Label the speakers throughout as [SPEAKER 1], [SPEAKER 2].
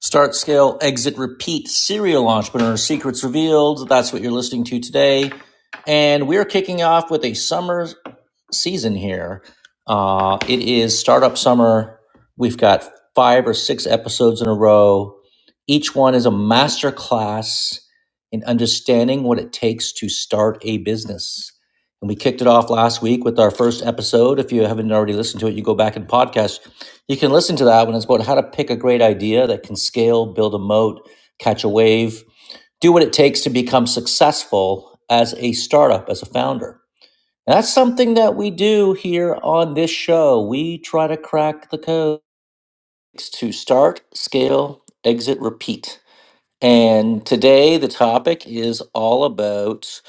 [SPEAKER 1] Start, scale, exit, repeat, serial entrepreneur secrets revealed. That's what you're listening to today. And we're kicking off with a summer season here. Uh, it is startup summer. We've got five or six episodes in a row. Each one is a master class in understanding what it takes to start a business. And we kicked it off last week with our first episode. If you haven't already listened to it, you go back and podcast. You can listen to that one. It's about how to pick a great idea that can scale, build a moat, catch a wave, do what it takes to become successful as a startup, as a founder. And that's something that we do here on this show. We try to crack the code to start, scale, exit, repeat. And today the topic is all about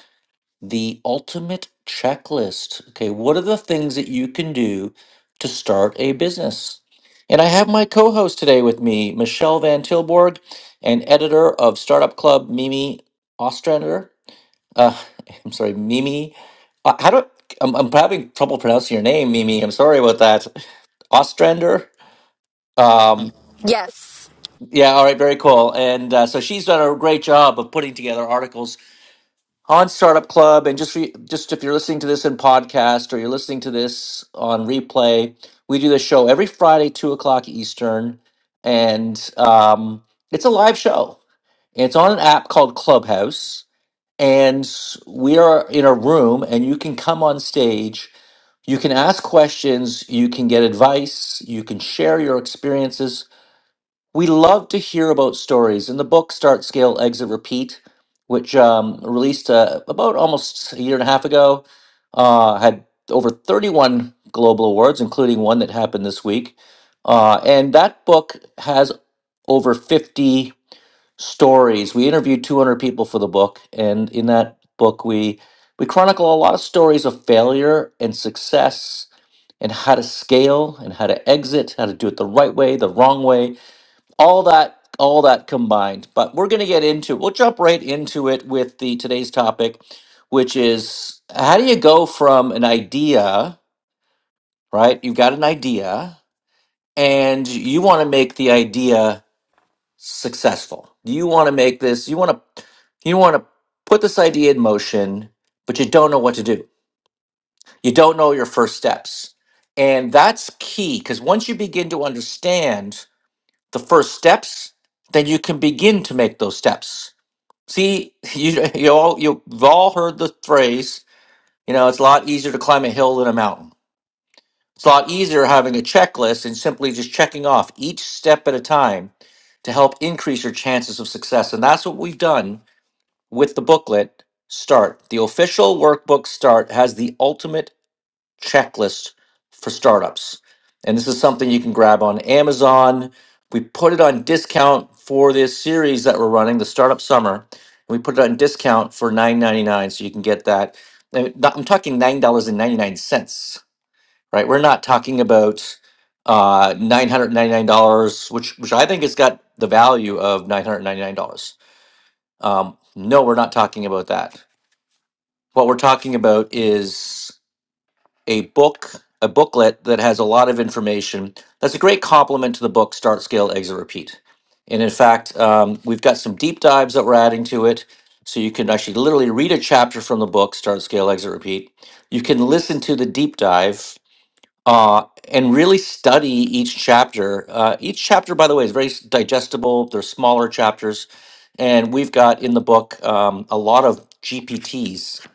[SPEAKER 1] the ultimate checklist. Okay, what are the things that you can do to start a business? And I have my co host today with me, Michelle Van Tilborg, an editor of Startup Club, Mimi Ostrander. Uh, I'm sorry, Mimi. Uh, How do I'm, I'm having trouble pronouncing your name, Mimi. I'm sorry about that. Ostrander. Um,
[SPEAKER 2] Yes.
[SPEAKER 1] yeah, all right, very cool. And uh, so she's done a great job of putting together articles on Startup Club. And just for, just if you're listening to this in podcast or you're listening to this on replay, we do this show every Friday, two o'clock Eastern, and um, it's a live show. And it's on an app called Clubhouse and we are in a room and you can come on stage you can ask questions you can get advice you can share your experiences we love to hear about stories and the book start scale exit repeat which um, released uh, about almost a year and a half ago uh, had over 31 global awards including one that happened this week uh, and that book has over 50 stories. We interviewed 200 people for the book, and in that book, we we chronicle a lot of stories of failure and success, and how to scale, and how to exit, how to do it the right way, the wrong way, all that all that combined. But we're going to get into we'll jump right into it with the today's topic, which is how do you go from an idea, right? You've got an idea, and you want to make the idea successful. You want to make this, you want to you want to put this idea in motion, but you don't know what to do. You don't know your first steps. And that's key because once you begin to understand the first steps, then you can begin to make those steps. See, you you all you've all heard the phrase, you know, it's a lot easier to climb a hill than a mountain. It's a lot easier having a checklist and simply just checking off each step at a time to help increase your chances of success. And that's what we've done with the booklet Start. The official workbook Start has the ultimate checklist for startups. And this is something you can grab on Amazon. We put it on discount for this series that we're running, the Startup Summer. We put it on discount for nine ninety nine, so you can get that. And I'm talking $9.99 right? We're not talking about uh, nine hundred ninety nine dollars, which which I think has got the value of nine hundred ninety nine dollars. Um, no, we're not talking about that. What we're talking about is a book, a booklet that has a lot of information. That's a great complement to the book Start, Scale, Exit, Repeat. And in fact, um, we've got some deep dives that we're adding to it. So you can actually literally read a chapter from the book, Start, Scale, Exit, Repeat. You can listen to the deep dive uh, and really study each chapter. Uh, each chapter, by the way, is very s- digestible. They're smaller chapters, and we've got in the book um, a lot of GPTs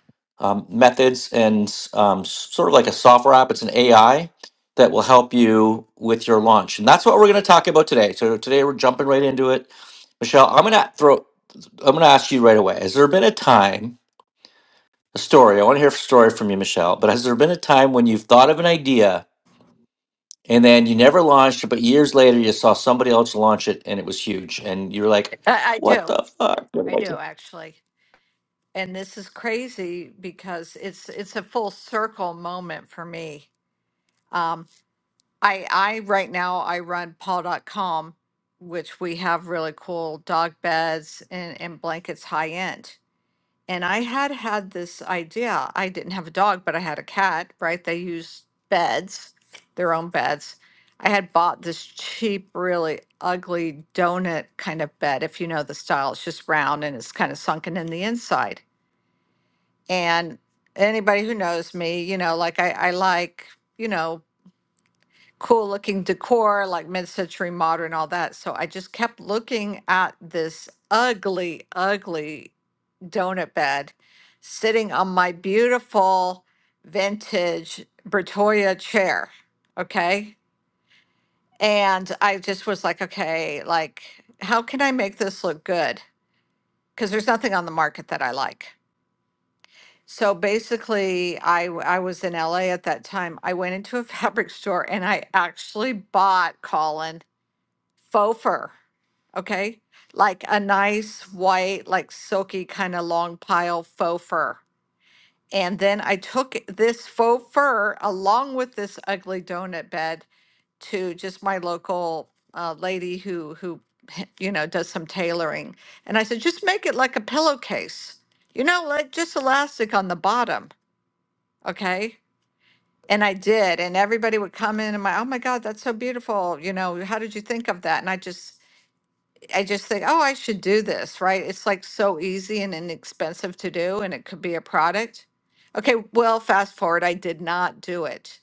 [SPEAKER 1] um, methods and s- um, s- sort of like a software app. It's an AI that will help you with your launch, and that's what we're going to talk about today. So today we're jumping right into it. Michelle, I'm going to throw. I'm going to ask you right away. Has there been a time, a story? I want to hear a story from you, Michelle. But has there been a time when you've thought of an idea? And then you never launched, it, but years later you saw somebody else launch it and it was huge. And you were like,
[SPEAKER 3] I, I
[SPEAKER 1] what
[SPEAKER 3] do.
[SPEAKER 1] the fuck? What did
[SPEAKER 3] I
[SPEAKER 1] I
[SPEAKER 3] do
[SPEAKER 1] do?"
[SPEAKER 3] actually. And this is crazy because it's it's a full circle moment for me. Um, I I right now I run paw. dot com, which we have really cool dog beds and, and blankets high end. And I had had this idea. I didn't have a dog, but I had a cat, right? They use beds, their own beds. I had bought this cheap, really ugly donut kind of bed, if you know the style. It's just round and it's kind of sunken in the inside. And anybody who knows me, you know, like I, I like, you know, cool looking decor, like mid century modern, all that. So I just kept looking at this ugly, ugly donut bed sitting on my beautiful vintage Bertoya chair. Okay. And I just was like, okay, like, how can I make this look good? Because there's nothing on the market that I like. So basically, I, w- I was in LA at that time. I went into a fabric store and I actually bought Colin faux fur. Okay. Like a nice white, like silky kind of long pile faux fur And then I took this faux fur along with this ugly donut bed to just my local uh, lady who who you know does some tailoring. And I said, just make it like a pillowcase, you know, like just elastic on the bottom, okay? And I did, and everybody would come in and my, oh my God, that's so beautiful, you know, how did you think of that? And I just I just think, oh, I should do this, right? It's like so easy and inexpensive to do, and it could be a product. Okay, well, fast forward, I did not do it.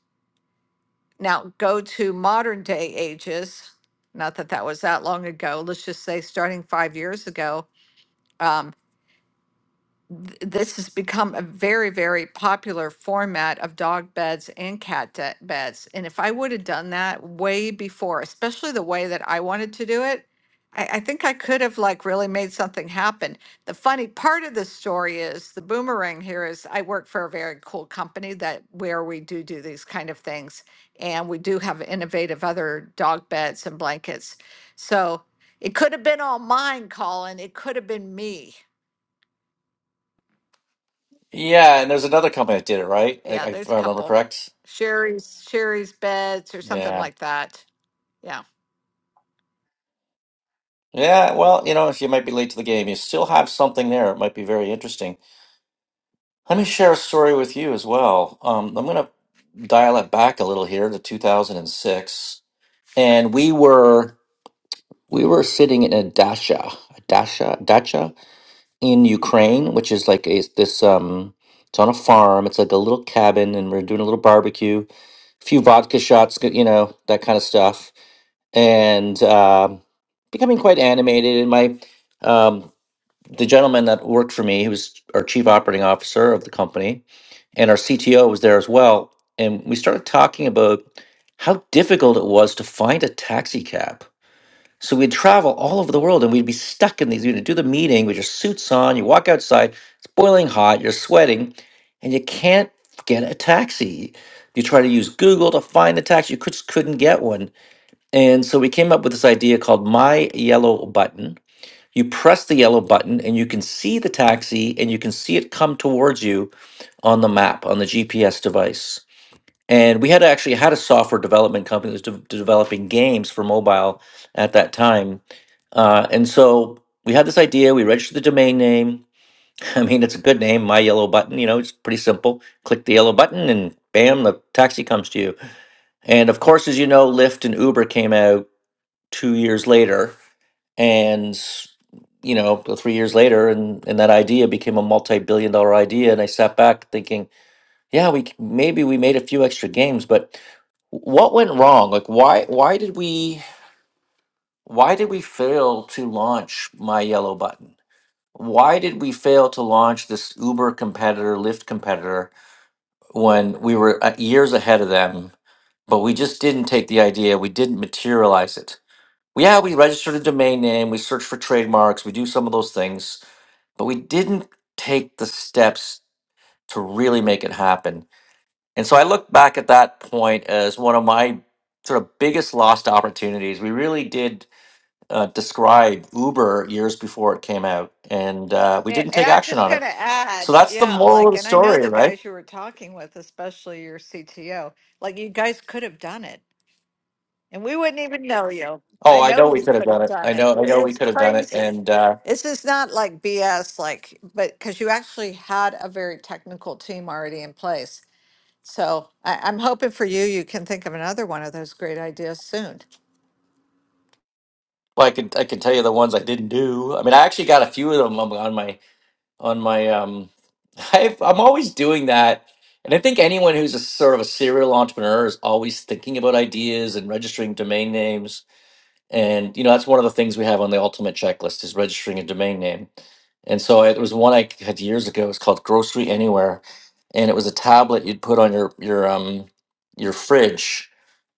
[SPEAKER 3] Now go to modern day ages. Not that that was that long ago. Let's just say starting five years ago. um, th- this has become a very, very popular format of dog beds and cat de- beds. And if I would have done that way before, especially the way that I wanted to do it, I, I think I could have like really made something happen. The funny part of the story is the boomerang here is I work for a very cool company that where we do do these kind of things, and we do have innovative other dog beds and blankets. So it could have been all mine, Colin. It could have been me.
[SPEAKER 1] Yeah, and there's another company that did it, right? I, I-
[SPEAKER 3] Yeah,
[SPEAKER 1] if
[SPEAKER 3] there's a
[SPEAKER 1] I remember
[SPEAKER 3] couple.
[SPEAKER 1] correct.
[SPEAKER 3] Sherry's Sherry's beds or something
[SPEAKER 1] Yeah.
[SPEAKER 3] like that. Yeah.
[SPEAKER 1] Yeah, well, you know, if you might be late to the game, you still have something there. It might be very interesting. Let me share a story with you as well. Um, I'm going to dial it back a little here to 2006. And we were we were sitting in a dacha, a dacha, dacha, in Ukraine, which is like a this um it's on a farm. It's like a little cabin and we're doing a little barbecue, a few vodka shots, g- you know, that kind of stuff. And um becoming quite animated and my um the gentleman that worked for me, he was our chief operating officer of the company, and our CTO was there as well. And we started talking about how difficult it was to find a taxi cab so we'd travel all over the world and we'd be stuck in these. You'd do the meeting with your suits on, you walk outside, it's boiling hot, you're sweating, and you can't get a taxi. You try to use Google to find a taxi, you just couldn't get one. And so we came up with this idea called My Yellow Button. You press the yellow button and you can see the taxi and you can see it come towards you on the map, on the GPS device. And we had actually had a software development company that was de- developing games for mobile at that time uh, and so we had this idea. We registered the domain name. I mean, it's a good name, My Yellow Button. You know, it's pretty simple. Click the yellow button, and bam, the taxi comes to you. And of course, as you know, Lyft and Uber came out two years later, and you know, three years later, and and that idea became a multi-billion-dollar idea. And I sat back thinking, yeah, we c- maybe we made a few extra games, but what went wrong? Like, why why did we why did we fail to launch My Yellow Button? why did we fail to launch this Uber competitor, Lyft competitor, when we were uh, years ahead of them, but we just didn't take the idea, we didn't materialize it. Yeah, we registered a domain name, we searched for trademarks, we do some of those things, but we didn't take the steps to really make it happen. And so I look back at that point as one of my sort of biggest lost opportunities. We really did uh, describe Uber years before it came out, and uh, we
[SPEAKER 3] And,
[SPEAKER 1] didn't
[SPEAKER 3] and
[SPEAKER 1] take
[SPEAKER 3] I'm
[SPEAKER 1] action
[SPEAKER 3] just
[SPEAKER 1] on it
[SPEAKER 3] going to
[SPEAKER 1] so
[SPEAKER 3] add,
[SPEAKER 1] that's the
[SPEAKER 3] yeah,
[SPEAKER 1] moral of
[SPEAKER 3] like,
[SPEAKER 1] the
[SPEAKER 3] and I know
[SPEAKER 1] story,
[SPEAKER 3] the
[SPEAKER 1] right?
[SPEAKER 3] guys you were talking with, especially your CTO, like, you guys could have done it and we wouldn't even know you.
[SPEAKER 1] Oh,
[SPEAKER 3] I
[SPEAKER 1] I
[SPEAKER 3] know
[SPEAKER 1] know we
[SPEAKER 3] you
[SPEAKER 1] could have
[SPEAKER 3] could
[SPEAKER 1] done
[SPEAKER 3] have
[SPEAKER 1] it.
[SPEAKER 3] done
[SPEAKER 1] I
[SPEAKER 3] it.
[SPEAKER 1] know, I
[SPEAKER 3] It-
[SPEAKER 1] know we
[SPEAKER 3] It's
[SPEAKER 1] could have done it.
[SPEAKER 3] crazy.
[SPEAKER 1] And uh,
[SPEAKER 3] This is not like BS, like, but because you actually had a very technical team already in place. So I, I'm hoping for you, you can think of another one of those great ideas soon.
[SPEAKER 1] well, I can I can tell you the ones I didn't do. I mean, I actually got a few of them on on my on my. Um, I've, I'm always doing that, and I think anyone who's a sort of a serial entrepreneur is always thinking about ideas and registering domain names and you know that's one of the things we have on the ultimate checklist is registering a domain name and so it was one i had years ago it was called grocery anywhere and it was a tablet you'd put on your your um your fridge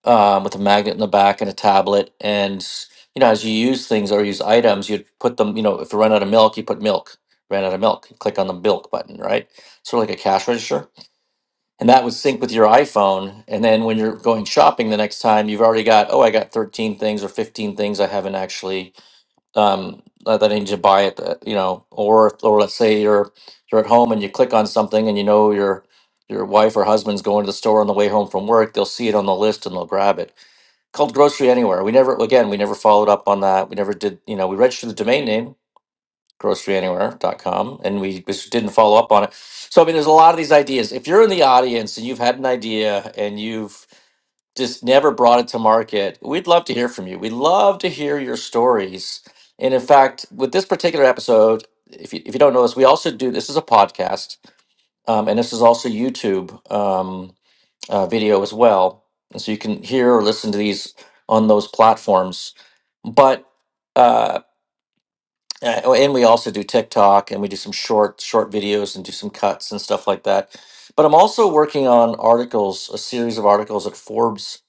[SPEAKER 1] um, with a magnet in the back and a tablet and you know as you use things or use items you'd put them you know if you run out of milk you put milk ran out of milk you click on the milk button right sort of like a cash register and that would sync with your iPhone. And then when you're going shopping the next time, you've already got oh, I got 13 things or 15 things I haven't actually um, that that I need to buy it. uh, You know, or or let's say you're you're at home and you click on something and you know your your wife or husband's going to the store on the way home from work. They'll see it on the list and they'll grab it. Called Grocery Anywhere. We never again we never followed up on that. We never did. You know, we registered the domain name groceryanywhere.com and we just didn't follow up on it so i mean there's a lot of these ideas if you're in the audience and you've had an idea and you've just never brought it to market we'd love to hear from you we'd love to hear your stories and in fact with this particular episode if you, if you don't know this we also do this is a podcast um, and this is also youtube um, uh, video as well and so you can hear or listen to these on those platforms but uh, uh, oh, and we also do TikTok and we do some short short videos and do some cuts and stuff like that. But I'm also working on articles, a series of articles at Forbes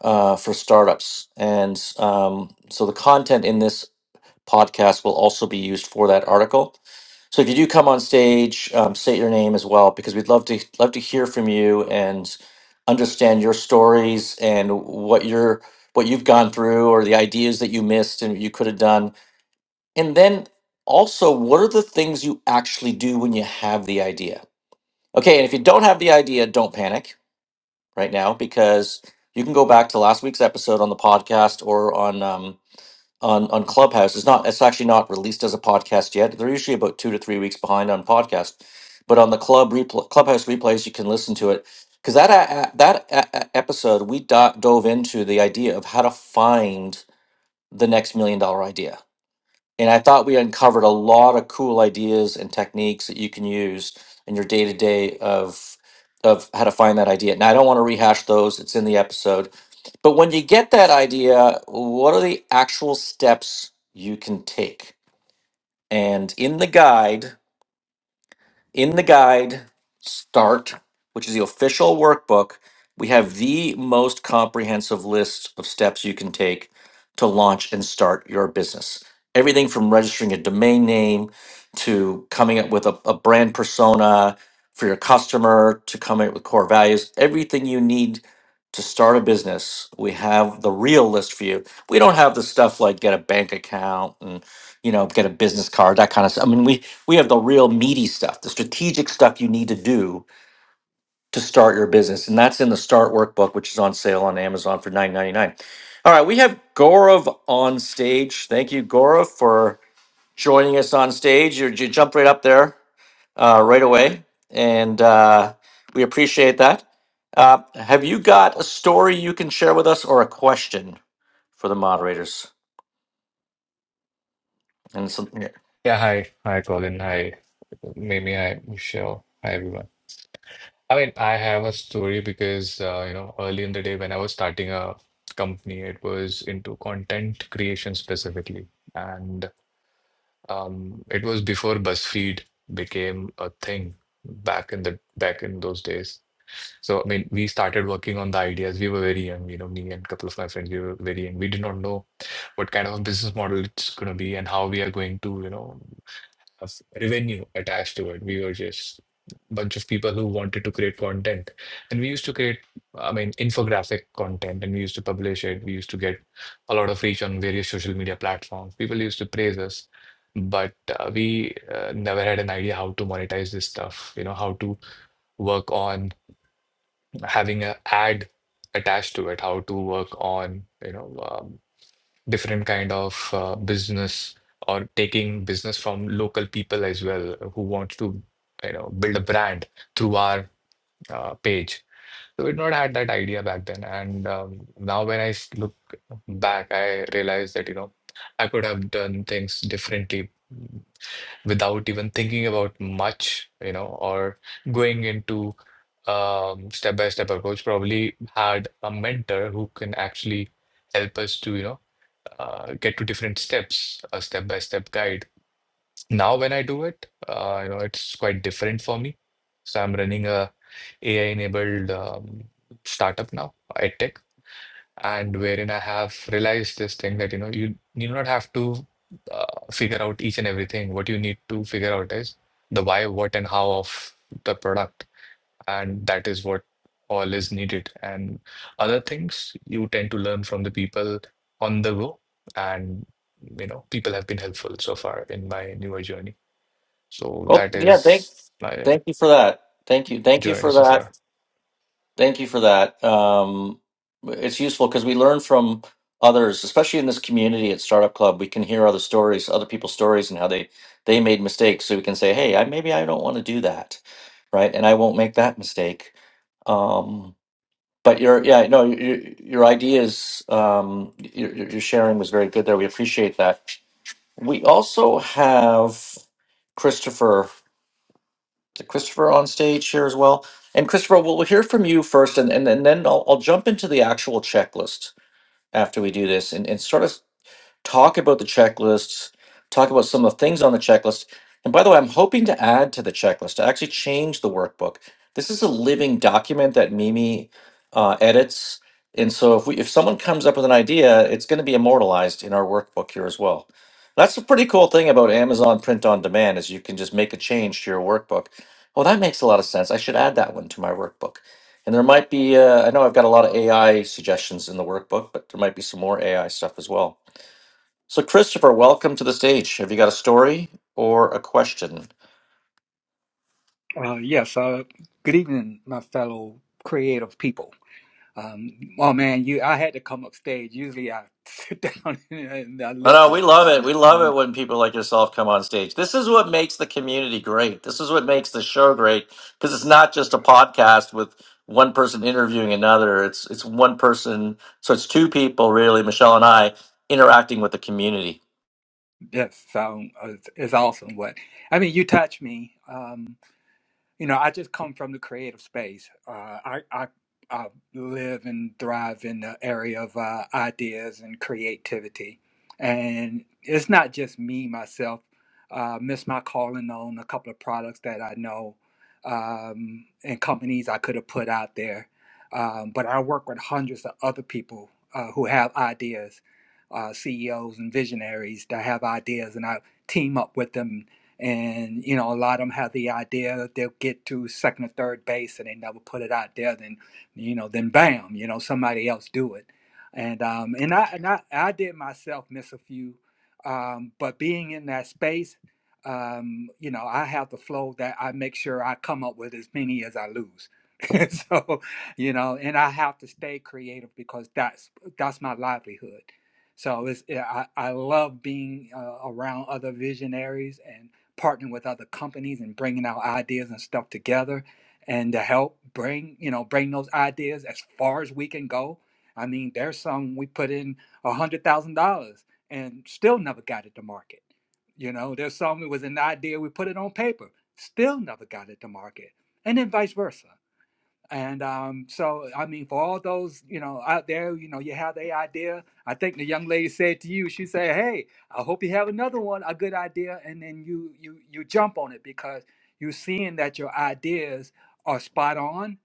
[SPEAKER 1] uh, for startups, and um, so the content in this podcast will also be used for that article. So if you do come on stage, um, state your name as well because we'd love to love to hear from you and understand your stories and what your what you've gone through or the ideas that you missed and you could have done and then also, what are the things you actually do when you have the idea? Okay, and if you don't have the idea, don't panic right now because you can go back to last week's episode on the podcast or on um, on on Clubhouse. It's not it's actually not released as a podcast yet. They're usually about two to three weeks behind on podcast, but on the club repl- Clubhouse replays, you can listen to it because that uh, uh, that uh, uh, episode we do- dove into the idea of how to find the next million dollar idea and I thought we uncovered a lot of cool ideas and techniques that you can use in your day to day of of how to find that idea. Now I don't want to rehash those; it's in the episode. But when you get that idea, what are the actual steps you can take? And in the guide in the guide start which is the official workbook we have the most comprehensive list of steps you can take to launch and start your business everything from registering a domain name to coming up with a, a brand persona for your customer to coming up with core values everything you need to start a business we have the real list for you we don't have the stuff like get a bank account and you know get a business card that kind of stuff i mean we we have the real meaty stuff, the strategic stuff you need to do to start your business. And that's in the Start Workbook, which is on sale on Amazon for nine ninety nine. All right, we have Gaurav on stage. Thank you, Gaurav, for joining us on stage. You, you jumped right up there uh, right away, and uh, we appreciate that. Uh, have you got a story you can share with us or a question for the moderators? And so, yeah.
[SPEAKER 4] Yeah, hi. Hi, Colin. Hi, Mimi. Hi, Michelle. Hi, everyone. I mean, I have a story because, uh, you know, early in the day when I was starting a company, it was into content creation specifically. And um, it was before BuzzFeed became a thing back in the back in those days. So, I mean, we started working on the ideas. We were very young, you know, me and a couple of my friends, we were very young. We did not know what kind of a business model it's going to be and how we are going to, you know of revenue attached to it. We were just bunch of people who wanted to create content. And we used to create, I mean, infographic content and we used to publish it. We used to get a lot of reach on various social media platforms. People used to praise us, but uh, we uh, never had an idea how to monetize this stuff, you know, how to work on having an ad attached to it, how to work on, you know, um, different kind of uh, business or taking business from local people as well who wants to you know build a brand through our uh, page so we'd not had that idea back then and um, now when i s- look back i realize that you know i could have done things differently mm, without even thinking about much you know or going into um, step by step approach probably had a mentor who can actually help us to you know uh, get to different steps, a step-by-step guide. Now, when I do it, uh, you know, it's quite different for me. So I'm running a AI-enabled um, startup now, EdTech, and wherein I have realized this thing that you know you you do not have to uh, figure out each and everything. What you need to figure out is the why, what, and how of the product and that is what all is needed and other things you tend to learn from the people on the go and you know people have been helpful so far in my newer journey so
[SPEAKER 1] well,
[SPEAKER 4] that
[SPEAKER 1] yeah,
[SPEAKER 4] is
[SPEAKER 1] thanks.
[SPEAKER 4] my
[SPEAKER 1] Thank you for that. Thank you. Thank you
[SPEAKER 4] journey
[SPEAKER 1] for
[SPEAKER 4] so
[SPEAKER 1] that.
[SPEAKER 4] far
[SPEAKER 1] Thank you for that. Um, it's useful because we learn from others, especially in this community at Startup Club. We can hear other stories, other people's stories, and how they they made mistakes. So we can say, "Hey, I maybe I don't want to do that, right? And I won't make that mistake." Um, but your yeah, no, your, your ideas, um, your, your your sharing was very good there. We appreciate that. We also have Christopher to Christopher on stage here as well. And Christopher, we'll we'll hear from you first, and, and, and then I'll, I'll jump into the actual checklist after we do this and, and sort of talk about the checklists, talk about some of the things on the checklist. And by the way, I'm hoping to add to the checklist, to actually change the workbook. This is a living document that Mimi uh, edits. And so if we if someone comes up with an idea, it's going to be immortalized in our workbook here as well. That's a pretty cool thing about Amazon print on demand is you can just make a change to your workbook. Well, that makes a lot of sense. I should add that one to my workbook. And there might be uh, I know I've got a lot of AI suggestions in the workbook, but there might be some more AI stuff as well. So, Christopher, welcome to the stage. Have you got a story or a question?
[SPEAKER 5] Uh, yes. Uh, good evening, my fellow creative people. Um, oh man, you! I had to come up stage. Usually, I sit down and, I
[SPEAKER 1] No, no,
[SPEAKER 5] listen,
[SPEAKER 1] we love it. We love
[SPEAKER 5] and
[SPEAKER 1] it when people like yourself come on stage. This is what makes the community great. This is what makes the show great because it's not just a podcast with one person interviewing another. It's it's one person, so it's two people really, Michelle and I, interacting with the community.
[SPEAKER 5] yes, um, it's, it's awesome. But I mean, you touch me. Um, you know, I just come from the creative space. Uh, I, I I live and thrive in the area of uh, ideas and creativity, and it's not just me myself. Uh, miss my calling on a couple of products that I know um, and companies I could have put out there, um, but I work with hundreds of other people uh, who have ideas, uh, CEOs and visionaries that have ideas, and I team up with them and you know a lot of them have the idea that they'll get to second or third base and they never put it out there then you know then bam you know somebody else do it and um and i and i, I did myself miss a few um but being in that space um you know i have the flow that i make sure i come up with as many as i lose so you know and i have to stay creative because that's that's my livelihood so it's yeah, i i love being uh, around other visionaries and partnering with other companies and bringing our ideas and stuff together and to help bring you know bring those ideas as far as we can go i mean there's some we put in a hundred thousand dollars and still never got it to market you know there's some it was an idea we put it on paper still never got it to market and then vice versa and um, so, I mean, for all those, you know, out there, you know, you have the idea. I think the young lady said to you, she said, "Hey, I hope you have another one, a good idea." And then you you you jump on it because you're seeing that your ideas are spot on.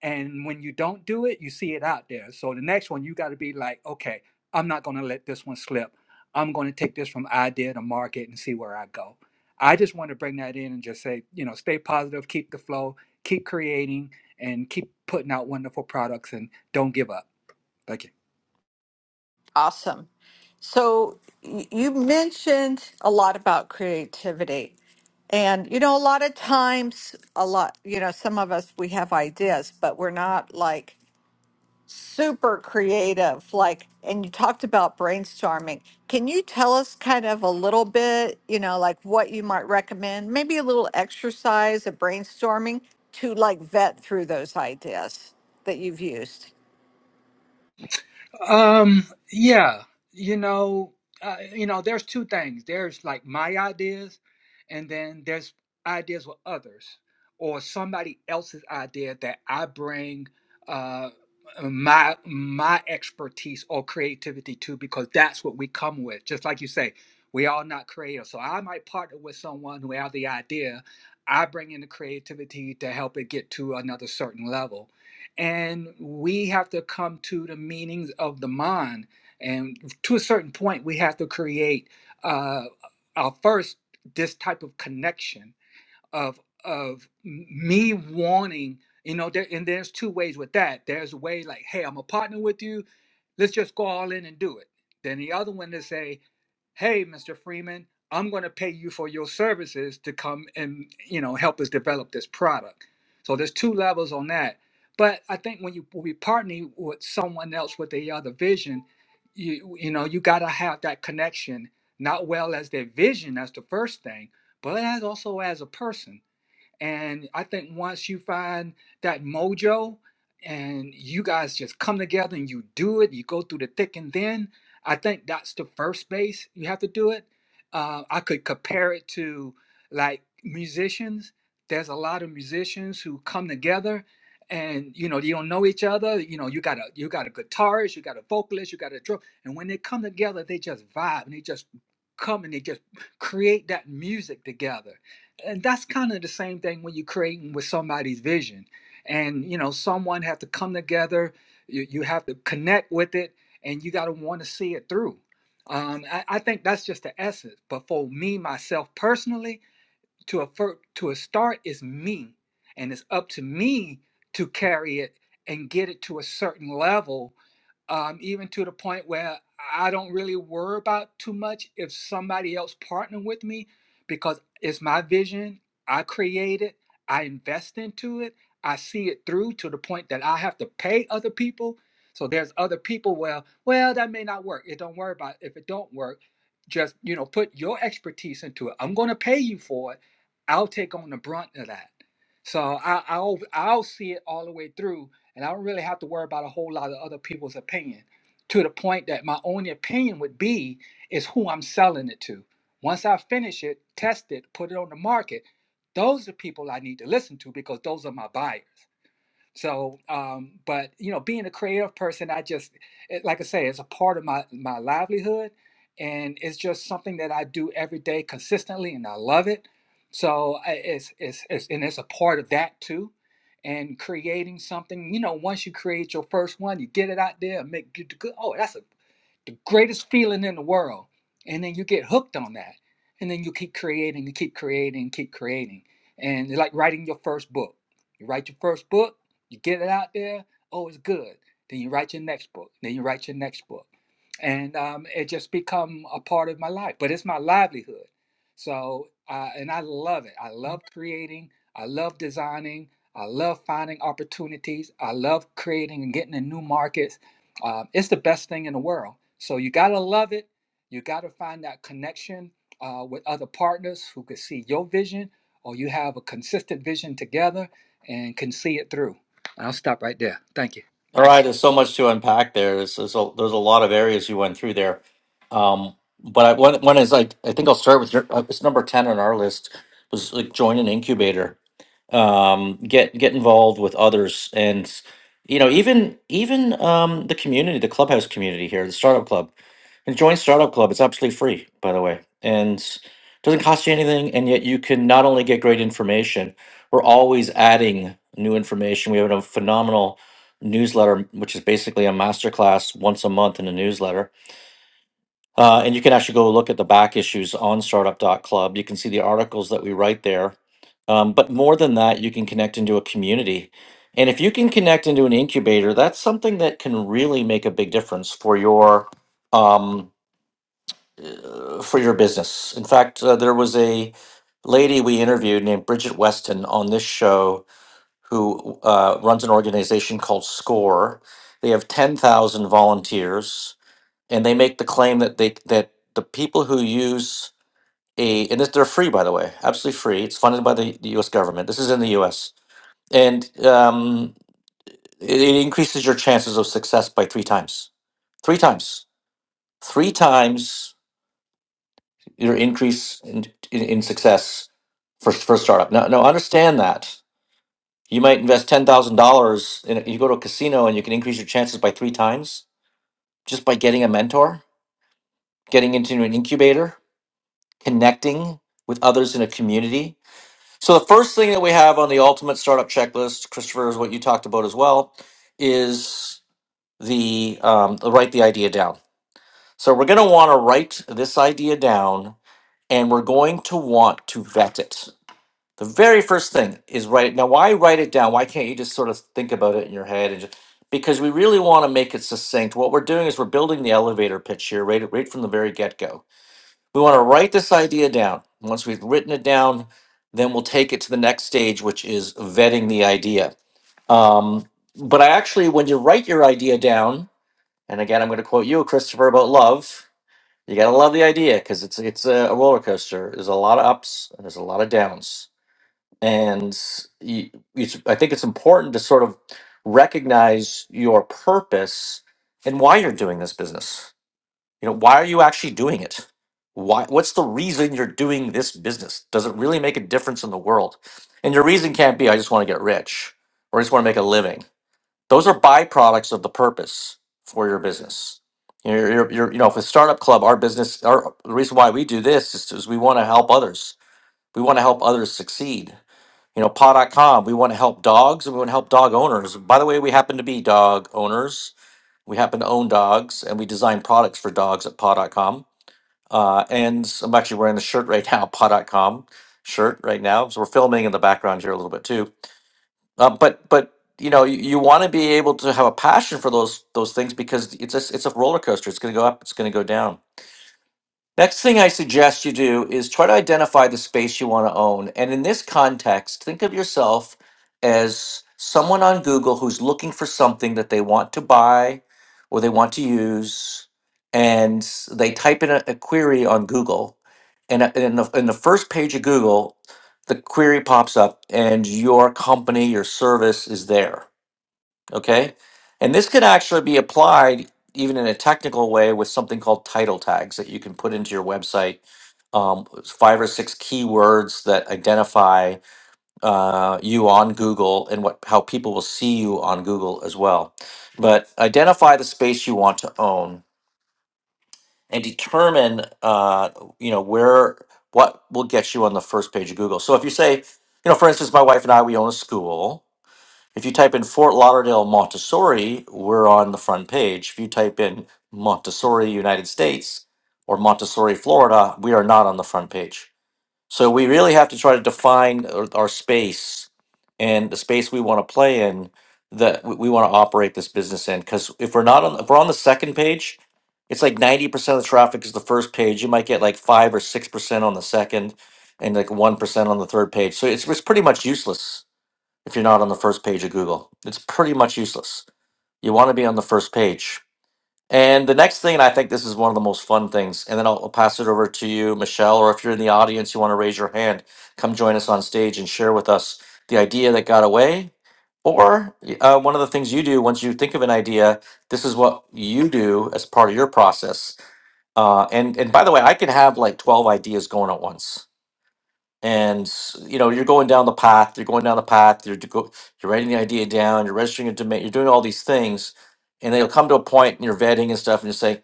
[SPEAKER 5] And when you don't do it, you see it out there. So the next one, you got to be like, "Okay, I'm not going to let this one slip. I'm going to take this from idea to market and see where I go." I just want to bring that in and just say, you know, stay positive, keep the flow, keep creating and keep putting out wonderful products and don't give up. Thank you.
[SPEAKER 3] Awesome. So y- you mentioned a lot about creativity. And, you know, a lot of times, a lot, you know, some of us, we have ideas, but we're not like super creative. Like, and you talked about brainstorming. Can you tell us kind of a little bit, you know, like what you might recommend, maybe a little exercise of brainstorming to like vet through those ideas that you've used?
[SPEAKER 5] Um, yeah, you know, uh, you know, there's two things. There's like my ideas, and then there's ideas with others or somebody else's idea that I bring uh my my expertise or creativity to because that's what we come with. Just like you say, we all not creative. So I might partner with someone who have the idea. I bring in the creativity to help it get to another certain level and we have to come to the meanings of the mind. And to a certain point, we have to create uh, our first this type of connection of of me wanting, you know. There, and there's two ways with that. There's a way like, hey, I'm a partner with you. Let's just go all in and do it. Then the other one is say, hey mr freeman i'm going to pay you for your services to come and you know help us develop this product so there's two levels on that but i think when you when we partner with someone else with the other vision you you know you got to have that connection not well as their vision that's the first thing but as also as a person and I think once you find that mojo and you guys just come together and you do it, you go through the thick and thin, I think that's the first base you have to do it. Uh, I could compare it to like musicians. There's a lot of musicians who come together and you know you don't know each other you know you got a you got a guitarist you got a vocalist you got a drum and when they come together they just vibe and they just come and they just create that music together and that's kind of the same thing when you're creating with somebody's vision and you know someone have to come together you, you have to connect with it and you got to want to see it through um, I, I think that's just the essence but for me myself personally to a fir- to a start is me and it's up to me to carry it and get it to a certain level um, even to the point where i don't really worry about too much if somebody else partner with me because it's my vision i create it i invest into it i see it through to the point that i have to pay other people so there's other people where well that may not work it don't worry about it. if it don't work just you know put your expertise into it i'm going to pay you for it I'll take on the brunt of that. So I, I'll I'll see it all the way through, and I don't really have to worry about a whole lot of other people's opinion. To the point that my only opinion would be is who I'm selling it to. Once I finish it, test it, put it on the market, those are people I need to listen to because those are my buyers. So, um, but you know, being a creative person, I just it, like I say, it's a part of my my livelihood, and it's just something that I do every day consistently, and I love it. So I- it's it's, it's and it's a part of that too. And creating something, you know, once you create your first one, you get it out there, and make good. good- Oh, that's a the greatest feeling in the world. And then you get hooked on that. And then you keep creating and keep creating and keep creating. And it's like writing your first book. You write your first book, you get it out there, oh, it's good. Then you write your next book. Then you write your next book. And um, it just become a part of my life, but it's my livelihood. So, uh, and I love it. I love creating. I love designing. I love finding opportunities. I love creating and getting in new markets. Uh, it's the best thing in the world. So you gotta love it. You gotta find that connection uh, with other partners who could see your vision, or you have a consistent vision together and can see it through. And I'll stop right there. Thank you.
[SPEAKER 1] All right, there's so much to unpack there. There's there's a, there's a lot of areas you went through there, um, but I, one one is like I think I'll start with your, uh, it's number ten on our list was like join an incubator um, get get involved with others and you know even even um, the community the clubhouse community here the startup club and join startup club it's absolutely free by the way and doesn't cost you anything and yet you can not only get great information we're always adding new information we have a phenomenal newsletter which is basically a masterclass once a month in a newsletter uh, and you can actually go look at the back issues on Startup dot Club. You can see the articles that we write there. Um, but more than that, you can connect into a community. And if you can connect into an incubator, that's something that can really make a big difference for your um, uh, for your business. In fact, uh, there was a lady we interviewed named Bridget Weston on this show who uh, runs an organization called SCORE. They have 10,000 volunteers and they make the claim that they that the people who use a and this, they're free by the way absolutely free it's funded by the, the us government this is in the us and um, it, it increases your chances of success by three times three times three times your increase in, in, in success for, for a startup now, now understand that you might invest $10000 in a- you go to a casino and you can increase your chances by three times just by getting a mentor getting into an incubator connecting with others in a community. So the first thing that we have on the ultimate startup checklist, Christopher, is what you talked about as well, is the um, write the idea down. So we're going to want to write this idea down, and we're going to want to vet it. The very first thing is write it. Now, why write it down? Why can't you just sort of think about it in your head? And just, because we really want to make it succinct. What we're doing is we're building the elevator pitch here right, right from the very get go we want to write this idea down. Once we've written it down, then we'll take it to the next stage, which is vetting the idea. Um, but I actually, when you write your idea down, and again, I'm going to quote you, Christopher, about love. You got to love the idea because it's it's a roller coaster. There's a lot of ups and there's a lot of downs, and you, it's, I think it's important to sort of recognize your purpose and why you're doing this business you know, why are you actually doing it? Why what's the reason you're doing this business? Does it really make a difference in the world? And your reason can't be I just want to get rich or I just want to make a living. Those are byproducts of the purpose for your business. You know, you're, you're, you're- you know, with Startup Club, our business, our, the reason why we do this is, is we want to help others. We want to help others succeed. You know, paw.com, we want to help dogs and we want to help dog owners. By the way, we happen to be dog owners. We happen to own dogs and we design products for dogs at paw.com uh, and I'm actually wearing the shirt right now, paw.com shirt right now. So we're filming in the background here a little bit too. Uh, but but you know you, you want to be able to have a passion for those those things because it's a, it's a roller coaster. It's going to go up. It's going to go down Next thing I suggest you do is try to identify the space you want to own. And in this context, think of yourself as someone on Google who's looking for something that they want to buy or they want to use. And they type in a, a query on Google. And uh, in the, in the first page of Google, the query pops up and your company, your service is there. Okay. And this could actually be applied even in a technical way with something called title tags that you can put into your website. Um, five or six keywords that identify uh, you on Google and what how people will see you on Google as well. But identify the space you want to own and determine uh, you know where what will get you on the first page of Google. So if you say, you know, for instance, my wife and I we own a school if you type in Fort Lauderdale Montessori, we're on the front page. If you type in Montessori, United States, or Montessori, Florida, we are not on the front page. So we really have to try to define our, our space and the space we want to play in that we, want to operate this business in. Because if we're not on, if we're on the second page, it's like ninety percent of the traffic is the first page. You might get like five or six percent on the second, and like one percent on the third page. So it's, it's pretty much useless if you're not on the first page of Google. It's pretty much useless. You want to be on the first page. And the next thing, and I think this is one of the most fun things, and then I'll, I'll pass it over to you, Michelle, or if you're in the audience, you want to raise your hand, come join us on stage and share with us the idea that got away. Or uh, one of the things you do once you think of an idea, this is what you do as part of your process. Uh, and and by the way, I could have like twelve ideas going at once and you know you're going down the path you're going down the path you're, go, you're writing the idea down you're registering a domain you're doing all these things and they'll come to a point and you're vetting and stuff and you say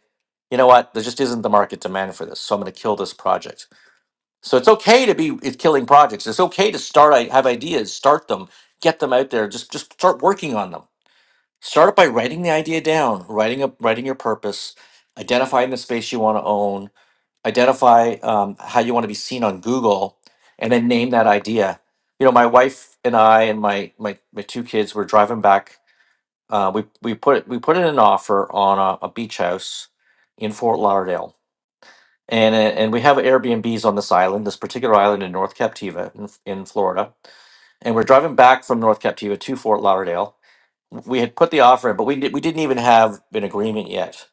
[SPEAKER 1] you know what there just isn't the market demand for this so i'm going to kill this project so it's okay to be it's killing projects it's okay to start i have ideas start them get them out there just just start working on them start by writing the idea down writing up writing your purpose identifying the space you want to own identify um, how you want to be seen on Google, and then name that idea. You know, my wife and I and my my, my two kids were driving back. Uh, we we put we put in an offer on a, a beach house in Fort Lauderdale, and uh, and we have Airbnbs on this island, this particular island in North Captiva in, in Florida, and we're driving back from North Captiva to Fort Lauderdale, we had put the offer in, but we did, we didn't even have an agreement yet,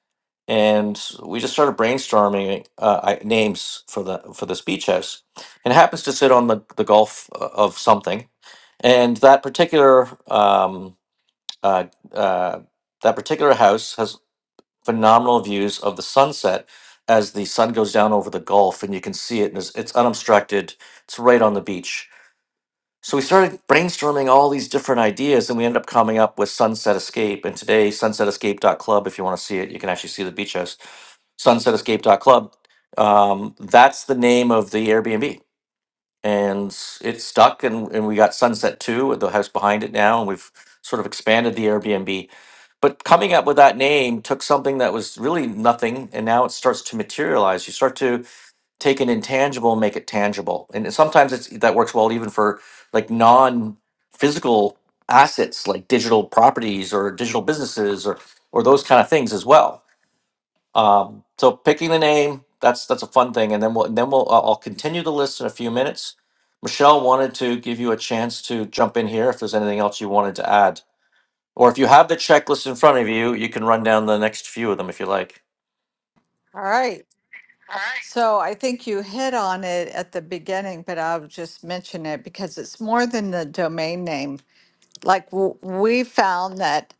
[SPEAKER 1] and we just started brainstorming uh, i- names for the for the beach house. And it happens to sit on the the Gulf uh, of something, and that particular um, uh, uh, that particular house has phenomenal views of the sunset as the sun goes down over the Gulf, and you can see it, and it's, it's unobstructed. It's right on the beach so we started brainstorming all these different ideas, and we ended up coming up with Sunset Escape. And today, Sunset Escape dot Club. if you want to see it, you can actually see the beach house. Sunset Sunsetescape.club. Um, that's the name of the Airbnb. And s- it stuck, and, and we got Sunset 2, the house behind it now, and we've sort of expanded the Airbnb. But coming up with that name took something that was really nothing, and now it starts to materialize. You start to take an intangible and make it tangible. And sometimes it's that works well even for like non physical assets like digital properties or digital businesses or or those kind of things as well. Um, so picking the name that's that's a fun thing, and then we'll and then we'll I'll I'll continue the list in a few minutes. Michelle wanted to give you a chance to jump in here if there's anything else you wanted to add. Or if you have the checklist in front of you, you can run down the next few of them if you like.
[SPEAKER 3] All right. So I think you hit on it at the beginning, but I'll just mention it because it's more than the domain name. Like w- we found that,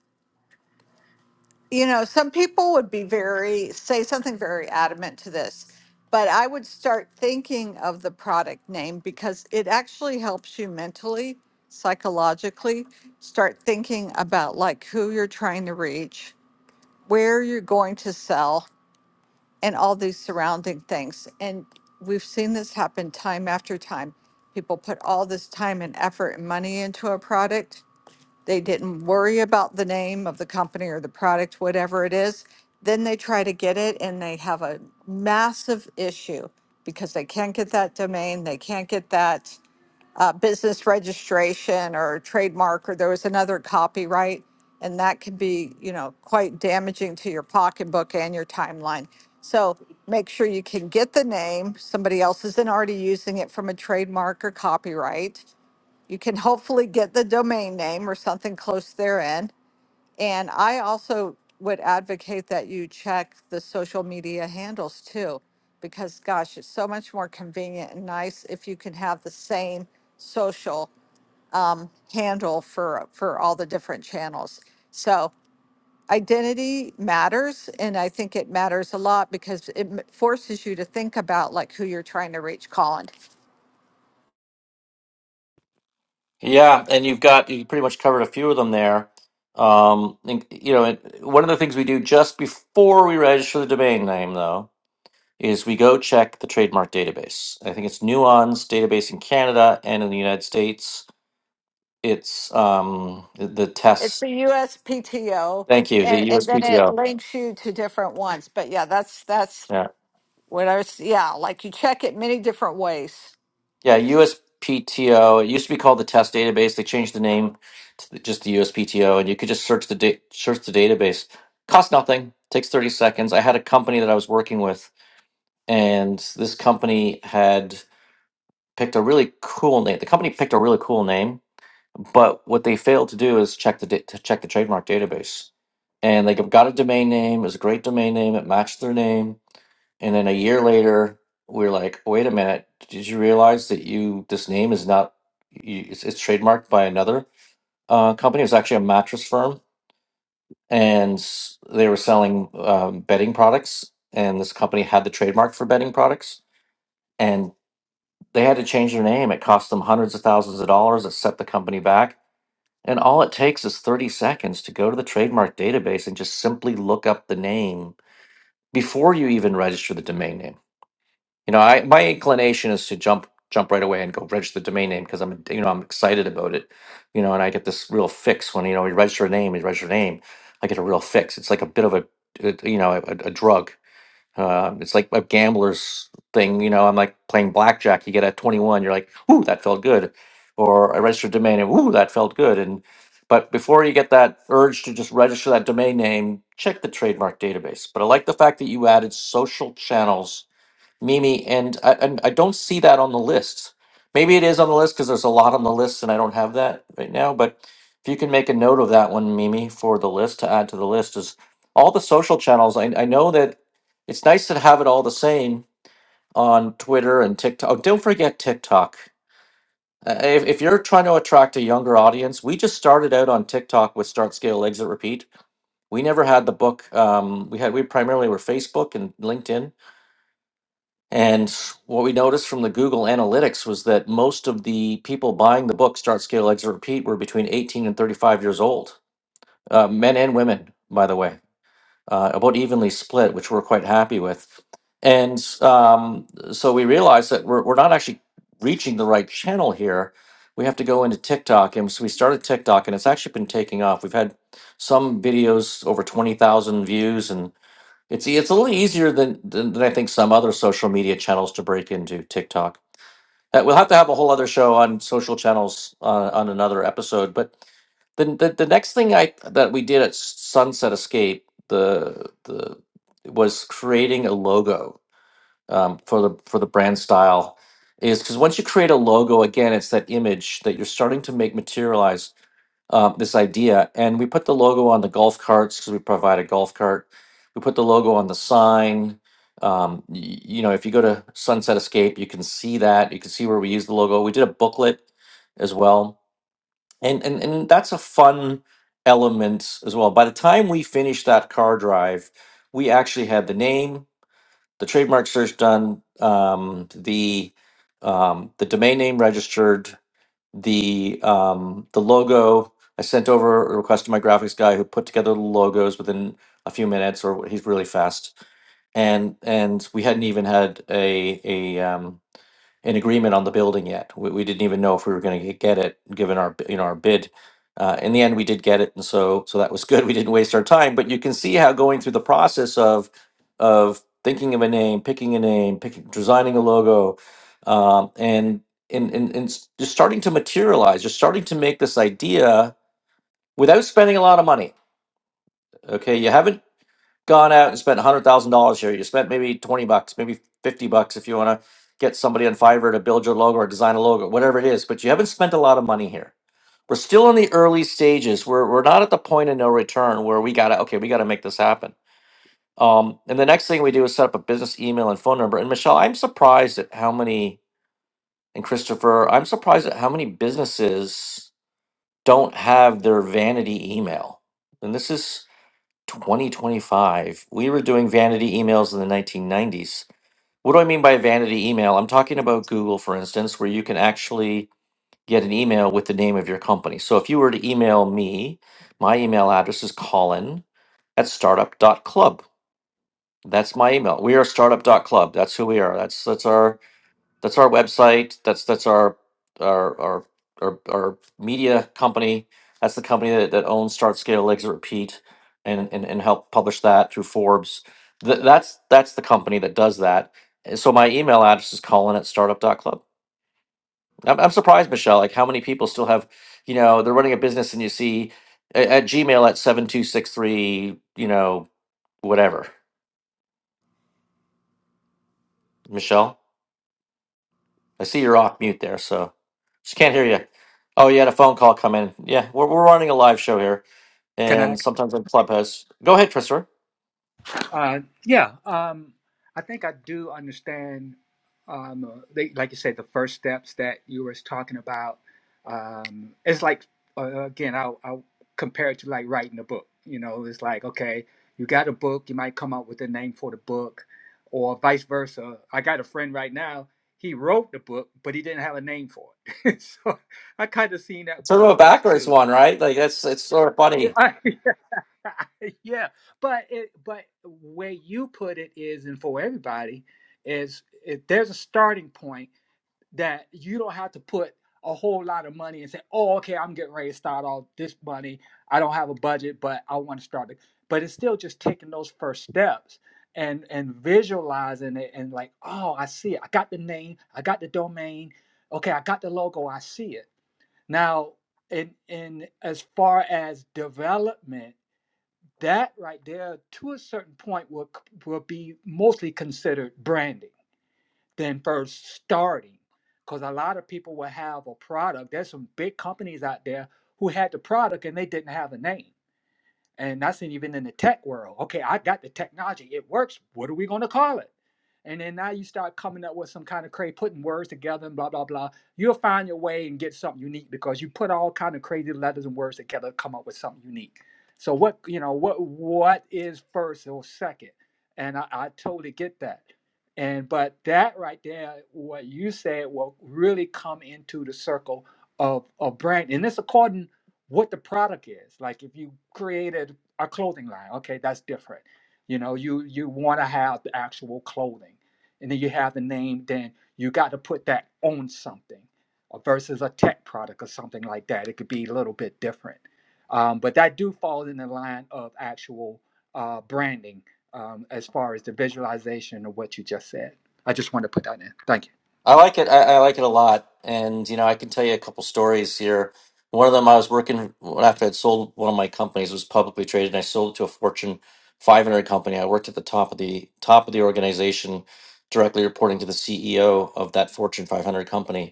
[SPEAKER 3] you know, some people would be very, say something very adamant to this, but I would start thinking of the product name because it actually helps you mentally, psychologically, start thinking about like who you're trying to reach, where you're going to sell and all these surrounding things. And we've seen this happen time after time. People put all this time and effort and money into a product. They didn't worry about the name of the company or the product, whatever it is. Then they try to get it and they have a massive issue because they can't get that domain, they can't get that uh, business registration or trademark, or there was another copyright, and that can be, you know, quite damaging to your pocketbook and your timeline. So make sure you can get the name. Somebody else isn't already using it from a trademark or copyright. You can hopefully get the domain name or something close therein and I also would advocate that you check the social media handles too, because gosh, it's so much more convenient and nice if you can have the same social um, handle for for all the different channels. So identity matters, and I think it matters a lot because it m- forces you to think about like who you're trying to reach. Colin,
[SPEAKER 1] Yeah, and you've got you pretty much covered a few of them there. Um, and, you know, and one of the things we do just before we register the domain name, though, is we go check the trademark database. I think it's Nuance database in Canada and in the United States. It's um, the the
[SPEAKER 3] it's the
[SPEAKER 1] test.
[SPEAKER 3] USPTO,
[SPEAKER 1] Thank you, the
[SPEAKER 3] and and then it
[SPEAKER 1] USPTO.
[SPEAKER 3] links you to different ones. But yeah, that's that's
[SPEAKER 1] Yeah.
[SPEAKER 3] When I was, yeah, like you check it many different ways.
[SPEAKER 1] Yeah, USPTO. It used to be called the test database. They changed the name to the- just the USPTO, and you could just search the da- search the database. Costs nothing. Takes thirty seconds. I had a company that I was working with, and this company had picked a really cool name. The company picked a really cool name, but what they failed to do is check the da- to check the trademark database. And they got a domain name. It was a great domain name. It matched their name and then a year later, we're like, wait a minute, did you realize that you this name is not you, it's, it's trademarked by another uh, company? It's actually a mattress firm, and s- they were selling um, bedding products, and this company had the trademark for bedding products, and they had to change their name. It cost them hundreds of thousands of dollars. It set the company back. And all it takes is 30 seconds to go to the trademark database and just simply look up the name before you even register the domain name You know, I my inclination is to jump jump right away and go register the domain name because I'm you know I'm excited about it, you know, and I get this real fix when you know we register a name, we register a name, I get a real fix. It's like a bit of a, a you know a, a drug. Uh, it's like a gambler's thing, you know. I'm like playing blackjack. You get a 21, you're like, "Ooh, that felt good," or I registered domain name. Ooh, that felt good. And but before you get that urge to just register that domain name, check the trademark database. But I like the fact that you added social channels Mimi, and I, and I don't see that on the list. Maybe it is on the list because there's a lot on the list, and I don't have that right now. But if you can make a note of that one, Mimi, for the list to add to the list is all the social channels. I, I know that it's nice to have it all the same on Twitter and TikTok. Oh, don't forget TikTok. Uh, If, if you're trying to attract a younger audience, we just started out on TikTok with Start Scale Exit Repeat. We never had the book. Um, we had we primarily were Facebook and LinkedIn and what we noticed from the Google Analytics was that most of the people buying the book, Start, Scale, Exit, Repeat, were between 18 and 35 years old, uh, men and women, by the way, uh, about evenly split, which we're quite happy with. And um, so we realized that we're, we're not actually reaching the right channel here. We have to go into TikTok. And so we started TikTok, and it's actually been taking off. We've had some videos over 20,000 views, and. It's it's a little easier than, than than I think some other social media channels to break into TikTok. Uh, We'll have to have a whole other show on social channels uh, on another episode. But the, the the next thing I that we did at Sunset Escape the the was creating a logo um, for the for the brand style is because once you create a logo again, it's that image that you're starting to make materialize uh, this idea, and we put the logo on the golf carts because we provide a golf cart. We put the logo on the sign. Um, y- you know, if you go to Sunset Escape, you can see that. You can see where we use the logo. We did a booklet as well, and and and that's a fun element as well. By the time we finished that car drive, we actually had the name, the trademark search done, um, the um, the domain name registered, the um, the logo. I sent over a request to my graphics guy who put together the logos within a few minutes, or he's really fast. And and we hadn't even had a a um, an agreement on the building yet. We, we didn't even know if we were going to get it, given our b- you know our bid. Uh, in the end, we did get it, and so so that was good. We didn't waste our time. But you can see how going through the process of of thinking of a name, picking a name, picking designing a logo, um, and and and, and s- just starting to materialize. You're starting to make this idea without spending a lot of money. Okay, you haven't gone out and spent a hundred thousand dollars here. You spent maybe twenty bucks, maybe fifty bucks if you want to get somebody on Fiverr to build your logo or design a logo, whatever it is. But you haven't spent a lot of money here. We're still in the early stages. We're we're not at the point of no return where we gotta okay, we gotta make this happen. Um, and the next thing we do is set up a business email and phone number. And Michelle, I'm surprised at how many and Christopher, I'm surprised at how many businesses don't have their vanity email. And this is 2025. We were doing vanity emails in the 1990s. What do I mean by vanity email? I'm talking about Google, for instance, where you can actually get an email with the name of your company. So if you were to email me, my email address is colin at Startup dot Club. That's my email. We are Startup dot Club. That's who we are. That's that's our that's our website. That's that's our our our our, our media company. That's the company that, that owns Start Scale Exit Repeat and, and and help publish that through Forbes. Th- that's that's the company that does that. And so my email address is Colin at startup.club. I'm, I'm surprised, Michelle, like how many people still have, you know, they're running a business and you see a- at Gmail at 7263, you know, whatever. Michelle? I see you're off mute there, so just can't hear you. Oh, you had a phone call come in. Yeah, we're, we're running a live show here,
[SPEAKER 5] Can I?
[SPEAKER 1] and sometimes on Clubhouse. Go ahead, Christopher.
[SPEAKER 5] Uh, yeah, um, I think I do understand. Um, uh, they, like you said, the first steps that you was talking about. Um, it's like uh, again, I'll, I'll compare it to like writing a book. You know, it's like okay, you got a book, you might come up with a name for the book, or vice versa. I got a friend right now. He wrote the book, but he didn't have a name for it. so I kind of seen
[SPEAKER 1] It's
[SPEAKER 5] that
[SPEAKER 1] sort of
[SPEAKER 5] both
[SPEAKER 1] a
[SPEAKER 5] ways
[SPEAKER 1] backwards
[SPEAKER 5] too.
[SPEAKER 1] one, right? Like that's it's sort of funny.
[SPEAKER 5] I, yeah, but it, but where you put it is, and for everybody, is if there's a starting point that you don't have to put a whole lot of money and say, oh, okay, I'm getting ready to start all this money. I don't have a budget, but I want to start it. But it's still just taking those first steps and and visualizing it and like, oh, I see it. I got the name. I got the domain. Okay, I got the logo. I see it now. In in as far as development that right there to a certain point will will be mostly considered branding than first starting because a lot of people will have a product there's some big companies out there who had the product and they didn't have a name and that's even in the tech world. Okay, I got the technology; it works. What are we going to call it? And then now you start coming up with some kind of crazy, putting words together and blah blah blah. You'll find your way and get something unique because you put all kind of crazy letters and words together to come up with something unique. So what you know what what is first or second? And I, I totally get that. And but that right there, what you said will really come into the circle of of brand. And this according what the product is. Like if you created a clothing line, okay, that's different. You know, you you want to have the actual clothing, and then you have the name. Then you got to put that on something, uh, versus a tech product or something like that. It could be a little bit different, um, but that do fall in the line of actual uh, branding um, as far as the visualization of what you just said. I just want to put that in. Thank you.
[SPEAKER 1] I like it. I, I like it a lot, and you know, I can tell you a couple stories here. One of them, I was working after I'd sold one of my companies it was publicly traded, and I sold it to a Fortune 500 company. I worked at the top of the top of the organization, directly reporting to the CEO of that Fortune 500 company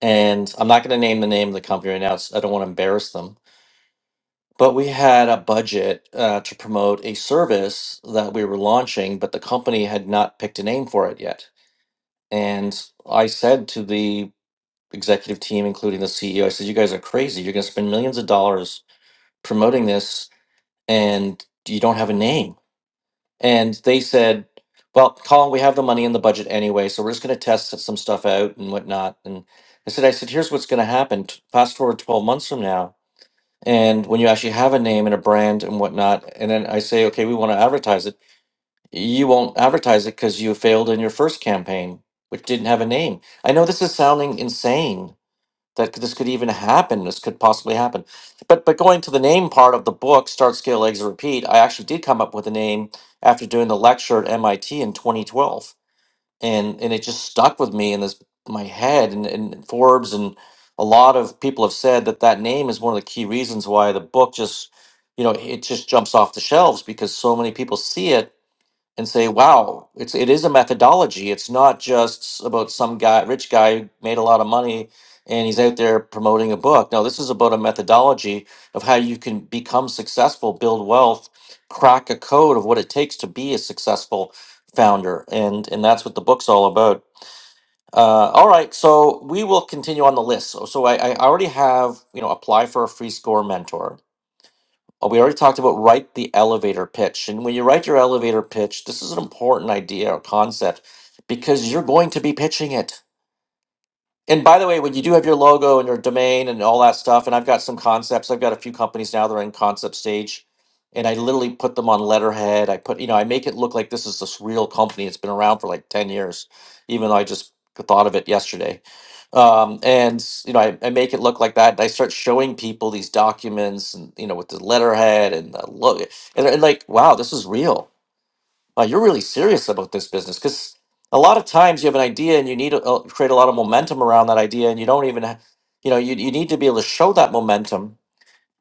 [SPEAKER 1] and I'm not going to name the name of the company right now. It's, I don't want to embarrass them. But we had a budget uh, to promote a service that we were launching, but the company had not picked a name for it yet. And I said to the executive team, including the CEO, I said, "You guys are crazy. You're going to spend millions of dollars promoting this, and you don't have a name." And they said, "Well, Colin, we have the money in the budget anyway, so we're just going to test some stuff out and whatnot." And I said, "I said, here's what's going to happen. T- Fast forward 12 months from now." And when you actually have a name and a brand and whatnot, and then I say, okay, we want to advertise it, you won't advertise it because you failed in your first campaign, which didn't have a name. I know this is sounding insane that this could even happen. This could possibly happen. But but going to the name part of the book, Start, Scale, Exit, Repeat, I actually did come up with a name after doing the lecture at MIT in 2012 and and it just stuck with me in this my head and, and forbes and a lot of people have said that that name is one of the key reasons why the book just you know it just jumps off the shelves because so many people see it and say, wow, it's it is a methodology. It's not just about some guy, rich guy who made a lot of money and he's out there promoting a book. No, this is about a methodology of how you can become successful, build wealth, crack a code of what it takes to be a successful founder. And and that's what the book's all about. Uh, all right, so we will continue on the list. So, so I, I already have, you know, apply for a free score mentor uh, we already talked about write the elevator pitch. And when you write your elevator pitch, this is an important idea or concept because you're going to be pitching it. And by the way, when you do have your logo and your domain and all that stuff, and I've got some concepts, I've got a few companies now that are in concept stage, and I literally put them on letterhead. I put, you know, I make it look like this is this real company. It's been around for like 10 years, even though I just thought of it yesterday. Um, and, you know, I, I make it look like that. And I start showing people these documents and, you know, with the letterhead and the logo. And, and like, wow, this is real uh, you're really serious about this business because a lot of times you have an idea and you need to uh, create a lot of momentum around that idea and you don't even ha- you know you, you need to be able to show that momentum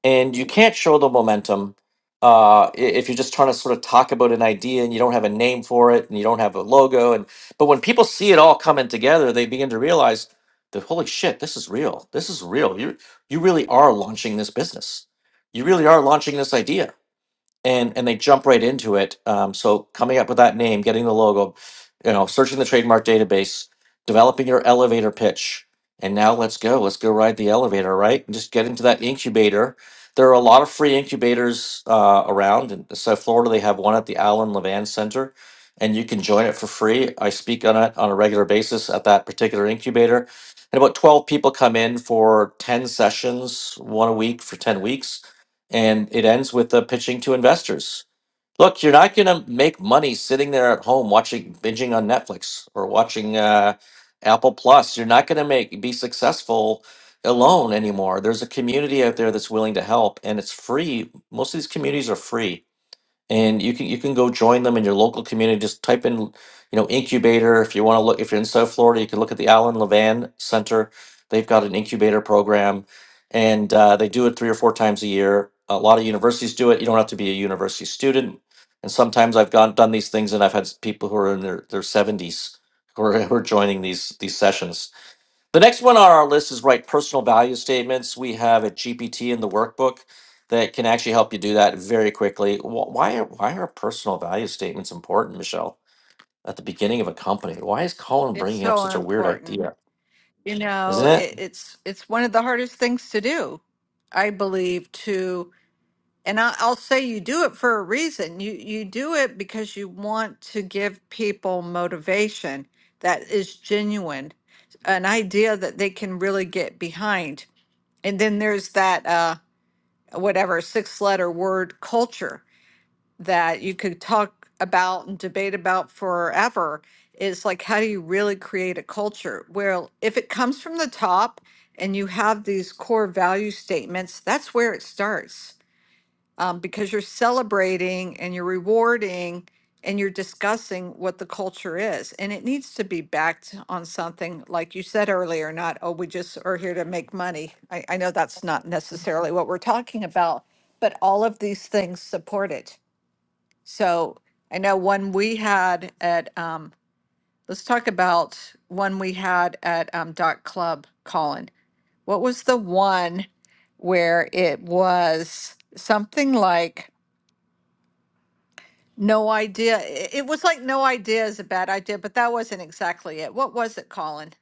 [SPEAKER 1] and you can't show the momentum uh, i- if you're just trying to sort of talk about an idea and you don't have a name for it and you don't have a logo and but when people see it all coming together they begin to realize that holy shit this is real this is real you you really are launching this business you really are launching this idea and and they jump right into it. Um, so coming up with that name, getting the logo, you know, searching the trademark database, developing your elevator pitch, and now let's go. Let's go ride the elevator, right? And just get into that incubator. There are a lot of free incubators uh, around. In South Florida, they have one at the Allen Levan Center, and you can join it for free. I speak on it on a regular basis at that particular incubator. And about 12 people come in for 10 sessions, one a week for 10 weeks and it ends with the pitching to investors. Look, you're not going to make money sitting there at home watching binging on Netflix or watching uh, Apple Plus. You're not going to make be successful alone anymore. There's a community out there that's willing to help, and it's free. Most of these communities are free and you can you can go join them in your local community. Just type in, you know, incubator. If you want to look, if you're in South Florida, you can look at the Allen Levan Center. They've got an incubator program, and uh, they do it three or four times a year. A lot of universities do it. You don't have to be a university student. And sometimes I've gone done these things, and I've had s- people who are in their their seventies who are, who are joining these these sessions the next one on our list is write personal value statements. We have a GPT in the workbook that can actually help you do that very quickly. Wh- Why are, why are personal value statements important, Michelle, at the beginning of a company? Why is Colin
[SPEAKER 3] It's
[SPEAKER 1] bringing up
[SPEAKER 3] so
[SPEAKER 1] such a weird
[SPEAKER 3] important.
[SPEAKER 1] idea?
[SPEAKER 3] You know,
[SPEAKER 1] Isn't
[SPEAKER 3] it,
[SPEAKER 1] it?
[SPEAKER 3] it's it's one of the hardest things to do, I believe, to And I, I'll say you do it for a reason. You you do it because you want to give people motivation that is genuine, an idea that they can really get behind. And then there's that uh, whatever six letter word culture that you could talk about and debate about forever. Is like how do you really create a culture? Well, if it comes from the top and you have these core value statements, that's where it starts um, because you're celebrating and you're rewarding and you're discussing what the culture is. And it needs to be backed on something, like you said earlier, not, oh, we just are here to make money. I, I know that's not necessarily what we're talking about, but all of these things support it. So I know one we had at, um, let's talk about one we had at um, Dot Club, Colin. What was the one where it was something like, No idea. I- It was like no idea is a bad idea, but that wasn't exactly it. What was it, Colin?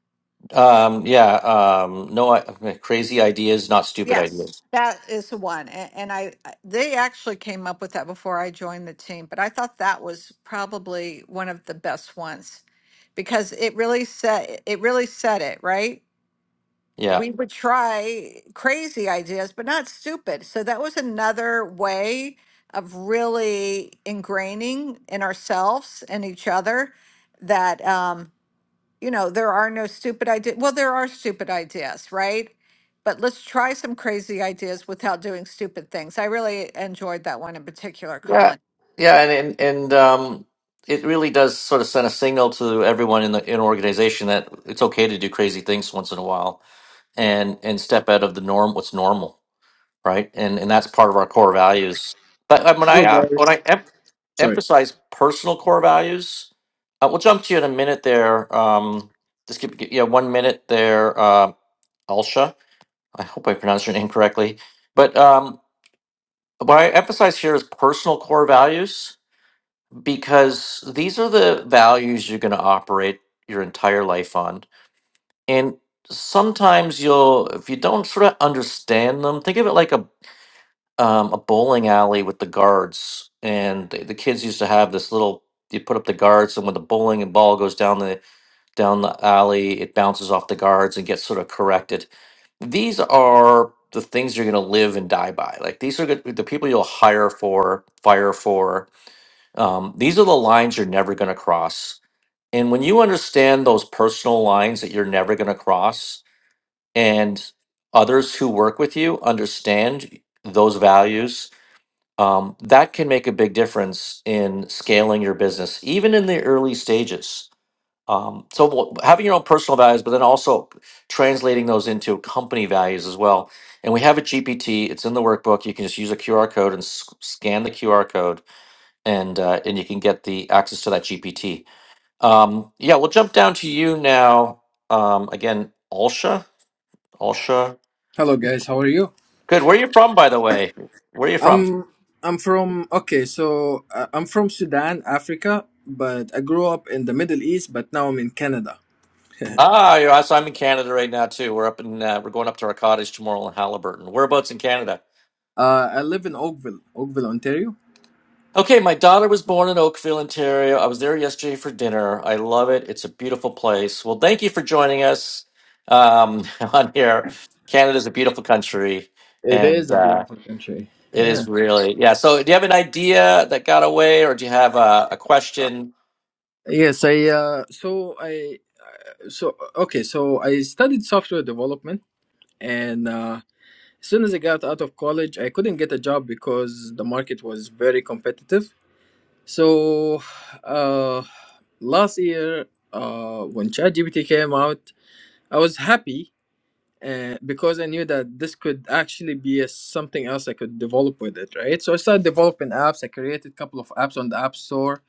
[SPEAKER 1] Um, yeah. Um, no, I, crazy ideas, not stupid
[SPEAKER 3] Yes,
[SPEAKER 1] ideas.
[SPEAKER 3] that is the one. And, and I, I- they actually came up with that before I joined the team, but I thought that was probably one of the best ones because it really said it really said it right.
[SPEAKER 1] Yeah.
[SPEAKER 3] We would try crazy ideas, but not stupid. So that was another way of really ingraining in ourselves and each other that. um, you know, there are no stupid ideas. Well, there are stupid ideas, right? But let's try some crazy ideas without doing stupid things. I really enjoyed that one in particular,
[SPEAKER 1] Yeah.
[SPEAKER 3] Colin.
[SPEAKER 1] Yeah. And, and, and um, it really does sort of send a signal to everyone in the in organization that it's okay to do crazy things once in a while and and step out of the norm what's normal right and and that's part of our core values but um, when i
[SPEAKER 6] Hello
[SPEAKER 1] uh, when i
[SPEAKER 6] guys.
[SPEAKER 1] em-
[SPEAKER 6] Sorry.
[SPEAKER 1] emphasize personal core values uh, we'll jump to you in a minute there um just give you know, one minute there uh alsha i hope i pronounced your name correctly but um what i emphasize here is personal core values because these are the values you're going to operate your entire life on and sometimes you'll if you don't sort of understand them think of it like a um, a bowling alley with the guards, and the, the kids used to have this little. You put up the guards, and when the bowling and ball goes down the down the alley, it bounces off the guards and gets sort of corrected. These are the things you're going to live and die by. Like these are the the people you'll hire for, fire for. Um, these are the lines you're never going to cross. And when you understand those personal lines that you're never going to cross, and others who work with you understand those values um, that can make a big difference in scaling your business, even in the early stages. Um, so wh- having your own personal values, but then also translating those into company values as well. And we have a GPT; it's in the workbook. You can just use a QR code and s- scan the QR code, and uh, and you can get the access to that GPT. Um, yeah, we'll jump down to you now. Um, again, Alsha, Alsha,
[SPEAKER 6] Hello guys. How are you?
[SPEAKER 1] good. Where are you from, by the way? Where are you from?
[SPEAKER 6] I'm I'm from okay. So uh, I'm from Sudan, Africa, but I grew up in the Middle East, but now I'm in Canada.
[SPEAKER 1] Ah, you're us. I'm in Canada right now too. We're up in uh, we're going up to our cottage tomorrow in Halliburton. Whereabouts in Canada?
[SPEAKER 6] Uh, I live in Oakville, Oakville, Ontario.
[SPEAKER 1] Okay, my daughter was born in Oakville, Ontario. I was there yesterday for dinner. I love it. It's a beautiful place. Well, thank you for joining us um, on here. Canada's a beautiful country,
[SPEAKER 6] It is
[SPEAKER 1] and
[SPEAKER 6] a
[SPEAKER 1] uh,
[SPEAKER 6] beautiful country.
[SPEAKER 1] it
[SPEAKER 6] Yeah.
[SPEAKER 1] is really yeah. So, do you have an idea that got away, or do you have a, a
[SPEAKER 6] Uh,
[SPEAKER 1] question?
[SPEAKER 6] Yes. I uh, so I so okay. So I studied software development, and uh, as soon as I got out of college, I couldn't get a job because the market was very competitive So, uh, last year, uh, when ChatGPT came out, I was happy uh, because I knew that this could actually be a, something else I could develop with it, right? So I started developing apps. I created a couple of apps on the App Store.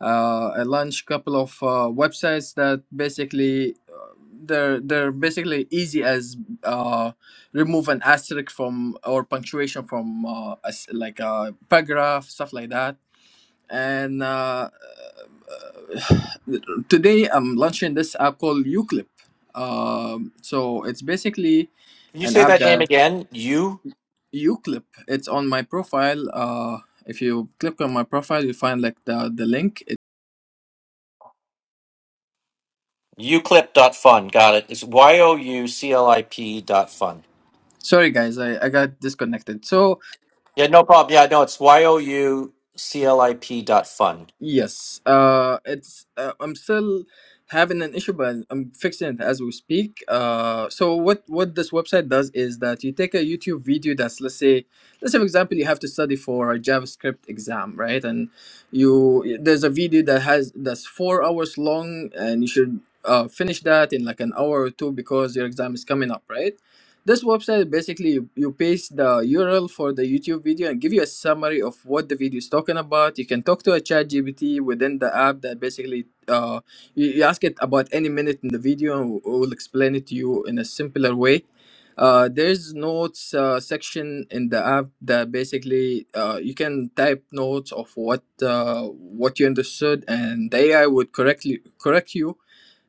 [SPEAKER 6] Uh, I launched a couple of uh, websites that basically uh, they're they're basically easy as uh, remove an asterisk from or punctuation from uh, a s like a paragraph, stuff like that and uh, Today I'm launching this app called Uclip. Um, so it's basically
[SPEAKER 1] Can you
[SPEAKER 6] an
[SPEAKER 1] say
[SPEAKER 6] app
[SPEAKER 1] that name
[SPEAKER 6] that
[SPEAKER 1] again? You
[SPEAKER 6] Uclip. It's on my profile. Uh, if you click on my profile, you find like the the link. It,
[SPEAKER 1] uclip dot fun. Got it. It's y o u c l i p dot fun.
[SPEAKER 6] sorry guys, I I got disconnected. So
[SPEAKER 1] Yeah, no problem. Yeah, no, it's Y-O-U-C-L-I-P dot fund.
[SPEAKER 6] Yes, uh, it's uh, I'm still having an issue, but I'm fixing it as we speak. Uh, so what what this website does is that you take a YouTube video that's let's say let's say for example you have to study for a JavaScript exam, right? And you there's a video that has that's four hours long, and you should uh, finish that in like an hour or two because your exam is coming up, right? This website basically you, you paste the URL for the YouTube video and give you a summary of what the video is talking about. You can talk to a chat GPT within the app that basically uh, you, you ask it about any minute in the video and it will explain it to you in a simpler way. Uh, there's notes uh, section in the app that basically uh, you can type notes of what uh, what you understood and the AI would correctly correct you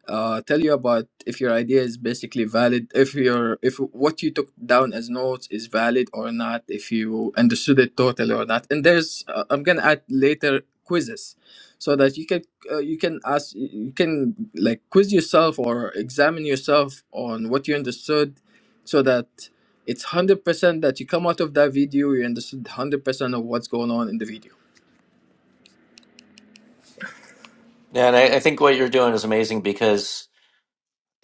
[SPEAKER 6] uh, tell you about if your idea is basically valid, if your if what you took down as notes is valid or not, if you understood it totally or not. And there's uh, I'm gonna add later quizzes, so that you can uh, you can ask you can like quiz yourself or examine yourself on what you understood, so that it's one hundred percent that you come out of that video you understood one hundred percent of what's going on in the video.
[SPEAKER 1] And I, I think what you're doing is amazing because,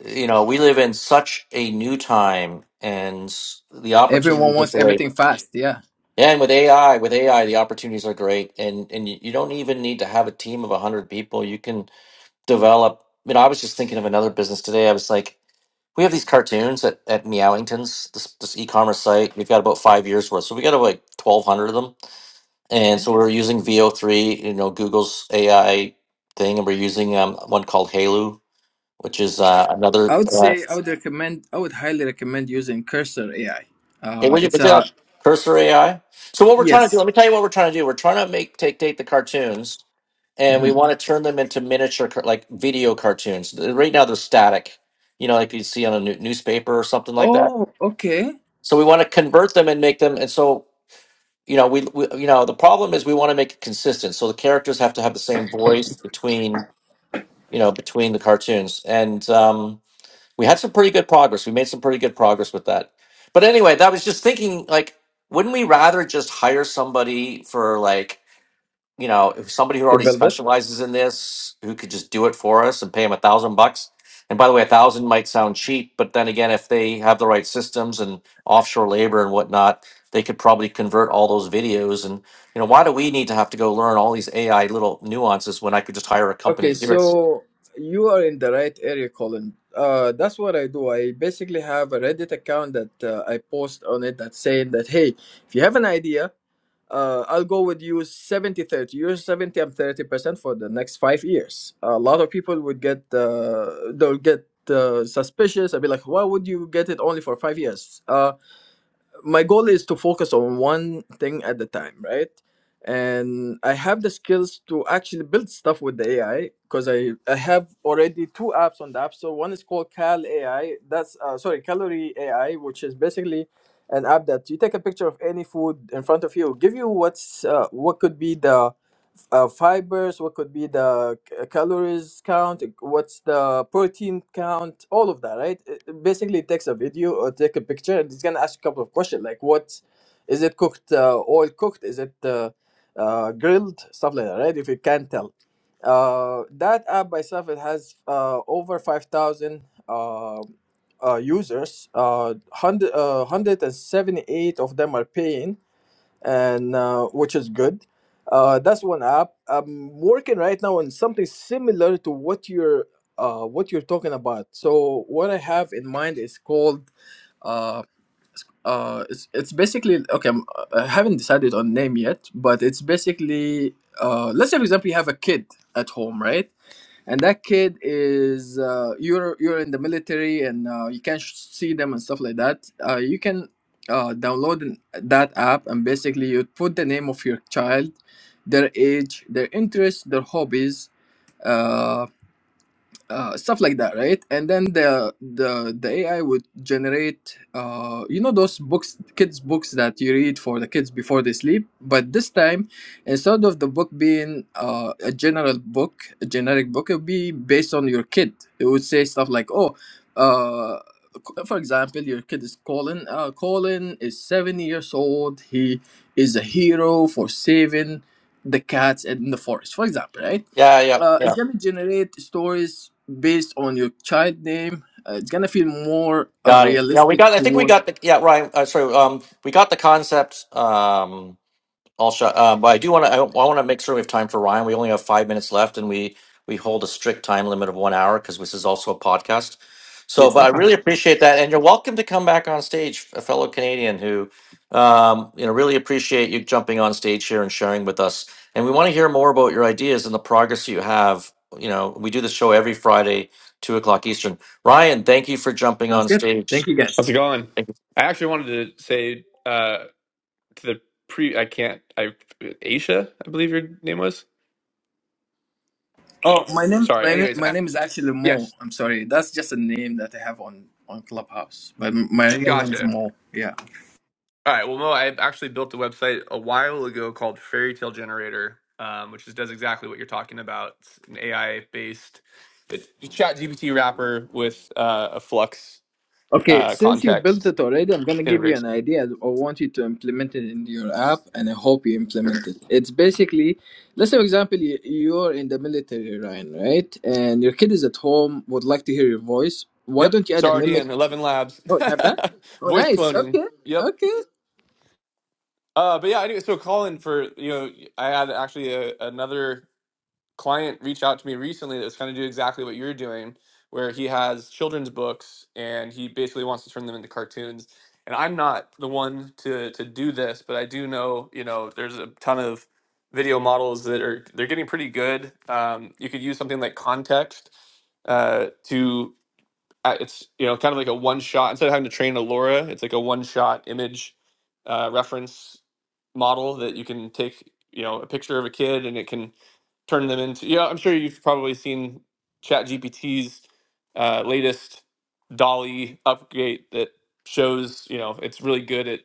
[SPEAKER 1] you know, we live in such a new time and the
[SPEAKER 6] Everyone
[SPEAKER 1] opportunities are
[SPEAKER 6] wants
[SPEAKER 1] great.
[SPEAKER 6] everything fast, yeah.
[SPEAKER 1] And with AI, with AI, the opportunities are great. And and you you don't even need to have a team of 100 people. You can develop, you know, I was just thinking of another business today. I was like, we have these cartoons at, at Meowington's, this, this e-commerce site. We've got about five years worth. So we got about like 1,200 of them and so we're using VO3, you know, Google's AI thing, and we're using um, one called Halu, which is uh,
[SPEAKER 6] I
[SPEAKER 1] another.
[SPEAKER 6] would
[SPEAKER 1] Uh,
[SPEAKER 6] say I would recommend I would highly recommend using Cursor AI.
[SPEAKER 1] hey,
[SPEAKER 6] Uh,
[SPEAKER 1] what you
[SPEAKER 6] it's
[SPEAKER 1] what's it
[SPEAKER 6] a
[SPEAKER 1] called? Cursor AI. So what we're trying to do,
[SPEAKER 6] yes.
[SPEAKER 1] let me tell you what we're trying to do. We're trying to make take take the cartoons, and we
[SPEAKER 6] Mhm.
[SPEAKER 1] want to turn them into miniature car- like video cartoons. Right now they're static, you know, like you see on a new, newspaper or something like that.
[SPEAKER 6] Oh, okay.
[SPEAKER 1] So we want to convert them and make them, and so. You know, we, we, you know, the problem is we want to make it consistent. So the characters have to have the same voice between you know, between the cartoons. And um, we had some pretty good progress. We made some pretty good progress with that. But anyway, that was just thinking like, wouldn't we rather just hire somebody for like, you know, if somebody who
[SPEAKER 6] To
[SPEAKER 1] already
[SPEAKER 6] build it.
[SPEAKER 1] specializes in this, who could just do it for us and pay them a thousand bucks? And by the way, a thousand might sound cheap, but then again, if they have the right systems and offshore labor and whatnot, they could probably convert all those videos. And you know, why do we need to have to go learn all these AI little nuances when I could just hire a company
[SPEAKER 6] Okay,
[SPEAKER 1] to do it?
[SPEAKER 6] so you are in the right area, Colin. Uh, that's what I do. I basically have a Reddit account that uh, I post on it that's saying that hey, if you have an idea, Uh, I'll go with you 7030 You're 70, I'm 30% for the next five years. A lot of people would get, uh, they'll get uh, suspicious. I'll be like, why would you get it only for five years? Uh, my goal is to focus on one thing at a time right and i have the skills to actually build stuff with the ai because i i have already two apps on the app store one is called cal ai that's uh, sorry calorie ai which is basically an app that you take a picture of any food in front of you give you what's uh, what could be the uh, fibers, what could be the c- uh, calories count, uh, what's the protein count, all of that, right? It- it basically, it takes a video or take a picture, and it's gonna ask a couple of questions like, what is it cooked, uh, oil cooked, is it uh, uh, grilled, stuff like that, right? If you can tell. Uh, that app by itself it has uh, over five thousand uh, uh, users. Uh, one hundred uh, one hundred and seventy eight of them are paying and uh, which is good. Uh, that's one app. I'm working right now on something similar to what you're uh, what you're talking about. So what I have in mind is called uh, uh, it's it's basically okay. I'm, I haven't decided on name yet, but it's basically uh, let's say for example you have a kid at home, right? and that kid is uh, you're you're in the military and uh, you can sh- see them and stuff like that uh, you can uh, download an- that app and basically you put the name of your child their age their interests their hobbies uh, uh, stuff like that, right? And then the the the AI would generate, uh, you know, those books, kids books that you read for the kids before they sleep. But this time, instead of the book being uh, a general book, a generic book, it would be based on your kid. It would say stuff like, oh. Uh, c- for example, your kid is Colin. Uh, Colin is seven years old. He is a hero for saving the cats in the forest, for example, right?
[SPEAKER 1] Yeah, yeah,
[SPEAKER 6] uh,
[SPEAKER 1] yeah.
[SPEAKER 6] it's gonna generate stories based on your child name. Uh, it's gonna feel more uh,
[SPEAKER 1] Got it. Yeah, we
[SPEAKER 6] realistic
[SPEAKER 1] got. I think we
[SPEAKER 6] toward.
[SPEAKER 1] got the. Yeah, right. Uh, sorry. Um, we got the concept. Um, I'll shut. Um, but I do want to. I, want to make sure we have time for Ryan. We only have five minutes left, and we we hold a strict time limit of one hour because this is also a podcast. So,
[SPEAKER 6] Yes,
[SPEAKER 1] but
[SPEAKER 6] no
[SPEAKER 1] I really
[SPEAKER 6] problem.
[SPEAKER 1] appreciate that, and you're welcome to come back on stage, a fellow Canadian who, um, you know, really appreciate you jumping on stage here and sharing with us. And we want to hear more about your ideas and the progress you have. You know, we do this show every Friday, two o'clock Eastern. Ryan, thank you for jumping
[SPEAKER 6] Sounds
[SPEAKER 1] on
[SPEAKER 6] good.
[SPEAKER 1] stage.
[SPEAKER 6] Thank you, guys.
[SPEAKER 7] How's it going?
[SPEAKER 1] Thank you.
[SPEAKER 7] I actually wanted to say uh, to the pre. I can't. I Aisha, I believe your name was.
[SPEAKER 6] Oh, my name,
[SPEAKER 7] Sorry.
[SPEAKER 6] my, na-
[SPEAKER 7] Anyways,
[SPEAKER 6] my
[SPEAKER 7] I,
[SPEAKER 6] name is actually Mo.
[SPEAKER 7] yes,
[SPEAKER 6] I'm sorry. That's just a name that I have on on Clubhouse, but m- my real name is
[SPEAKER 7] gotcha.
[SPEAKER 6] Mo. Yeah.
[SPEAKER 7] All right. Well, Mo, I actually built a website a while ago called Fairy Tale Generator, um, which is, does exactly what you're talking about. It's an AI based it's chat GPT wrapper with uh, a Flux
[SPEAKER 6] Okay,
[SPEAKER 7] uh,
[SPEAKER 6] since you built
[SPEAKER 7] context
[SPEAKER 6] it already, I'm gonna give you an
[SPEAKER 7] integration.
[SPEAKER 6] idea. I want you to implement it in your app, and I hope you
[SPEAKER 7] Sure.
[SPEAKER 6] implement it. It's basically, let's say, for example, you- you're in the military, Ryan, right? And your kid is at home, would like to hear your voice. Why
[SPEAKER 7] Yep.
[SPEAKER 6] don't you
[SPEAKER 7] It's
[SPEAKER 6] add a
[SPEAKER 7] already
[SPEAKER 6] mimic?
[SPEAKER 7] in 11 labs.
[SPEAKER 6] Oh, you have that? Oh,
[SPEAKER 7] Voice
[SPEAKER 6] nice.
[SPEAKER 7] cloning.
[SPEAKER 6] Okay,
[SPEAKER 7] Yep.
[SPEAKER 6] okay.
[SPEAKER 7] Uh, but yeah, anyway, so Colin, for you know, I had actually a, another client reach out to me recently that was kind of do exactly what you're doing, where he has children's books and he basically wants to turn them into cartoons. And I'm not the one to to do this, but I do know, you know, there's a ton of video models that are they're getting pretty good. Um, you could use something like Context uh, to uh, it's you know kind of like a one shot instead of having to train a LoRa, it's like a one shot image uh, reference model that you can take you know a picture of a kid and it can turn them into yeah I'm sure you've probably seen ChatGPT's uh, latest Dolly upgrade that shows you know it's really good at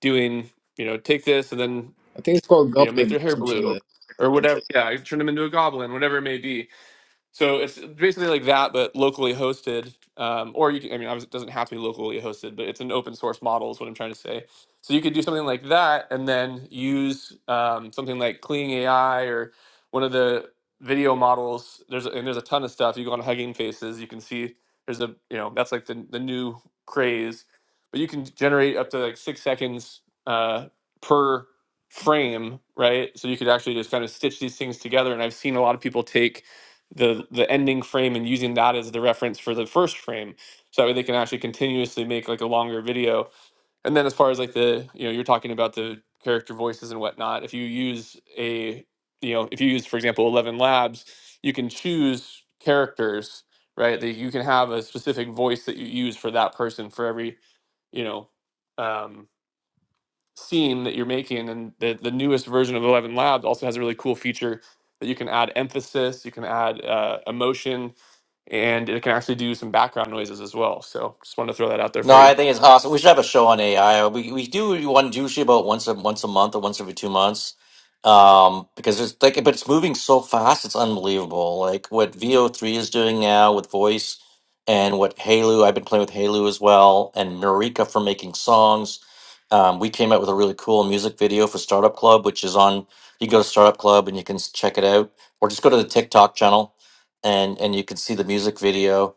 [SPEAKER 7] doing you know take this and then
[SPEAKER 6] I think it's called
[SPEAKER 7] you know make
[SPEAKER 6] Goblin,
[SPEAKER 7] their
[SPEAKER 6] or
[SPEAKER 7] hair
[SPEAKER 6] some shit
[SPEAKER 7] blue or whatever yeah turn them into a goblin whatever it may be so it's basically like that, but locally hosted. Um, or you can, I mean, obviously it doesn't have to be locally hosted, but it's an open source model is what I'm trying to say. So you could do something like that and then use um, something like Cleaning AI or one of the video models. There's and there's a ton of stuff. You go on Hugging Faces, you can see there's a you know that's like the the new craze, but you can generate up to like six seconds uh, per frame, right? So you could actually just kind of stitch these things together. And I've seen a lot of people take the the ending frame and using that as the reference for the first frame so that way they can actually continuously make like a longer video and then as far as like the you know you're talking about the character voices and whatnot if you use a you know if you use for example 11 labs you can choose characters right that you can have a specific voice that you use for that person for every you know um scene that you're making and the, the newest version of 11 labs also has a really cool feature that you can add emphasis you can add uh, emotion and it can actually do some background noises as well so just wanted to throw that out there
[SPEAKER 1] No,
[SPEAKER 7] for you
[SPEAKER 1] I think it's awesome. We should have a show on AI. We we do one usually about once a once a month or once every two months, um, because it's like, but it's moving so fast, it's unbelievable. Like what VO three is doing now with voice, and what Halu. I've been playing with Halu as well, and Marika for making songs. Um, we came out with a really cool music video for Startup Club, which is on. You go to Startup Club and you can s- check it out, or just go to the TikTok channel, and and you can see the music video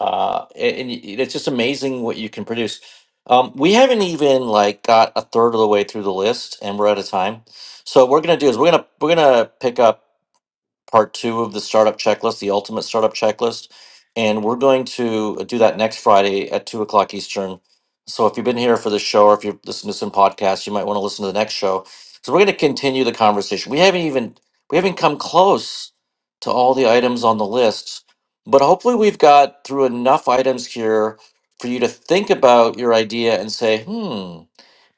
[SPEAKER 1] uh, a- and, y- it's just amazing what you can produce. Um, we haven't even like got a third of the way through the list, and we're out of time. So what we're gonna do is we're gonna we're gonna pick up part two of the startup checklist, the ultimate startup checklist. And we're going to uh, do that next Friday at two o'clock Eastern. So if you've been here for this show or if you're listening to some podcasts, you might want to listen to the next show. So we're going to continue the conversation. We haven't even we haven't come close to all the items on the list, but hopefully we've got through enough items here for you to think about your idea and say, hmm,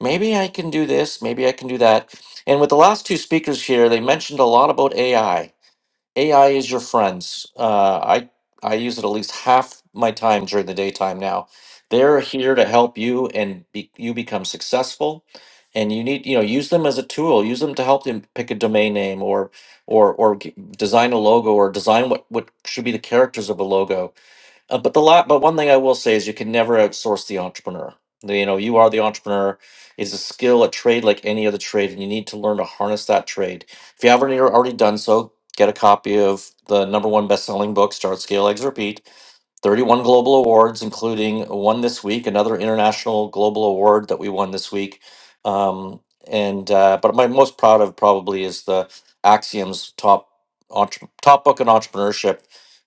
[SPEAKER 1] maybe I can do this, maybe I can do that. And with the last two speakers here, they mentioned a lot about AI. AI is your friends. Uh, I I use it at least half my time during the daytime now. They're here to help you and be, you become successful. And you need you know use them as a tool. Use them to help them pick a domain name or or or g- design a logo or design what what should be the characters of a logo uh, but the lot, but one thing I will say is you can never outsource the entrepreneur. You know, you are the entrepreneur. It's a skill, a trade like any other trade, and you need to learn to harness that trade. If you haven't already already done so, get a copy of the number one best-selling book, Start, Scale, Exit, Repeat 31 global awards, including one this week, another international global award that we won this week. Um, and uh, but my most proud of probably is the Axiom's top entre- top book on entrepreneurship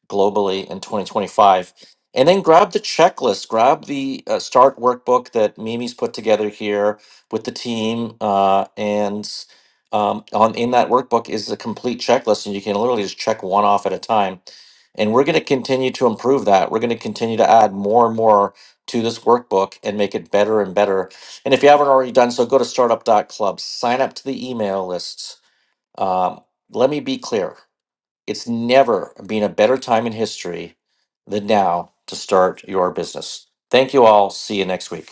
[SPEAKER 1] globally in 2025. And then grab the checklist, grab the uh, start workbook that Mimi's put together here with the team, uh, and um, on in that workbook is a complete checklist, and you can literally just check one off at a time and we're going to continue to improve that. We're going to continue to add more and more to this workbook and make it better and better. And if you haven't already done so, go to Startup dot Club, sign up to the email lists. Um, let me be clear it's never been a better time in history than now to start your business. Thank you all. See you next week.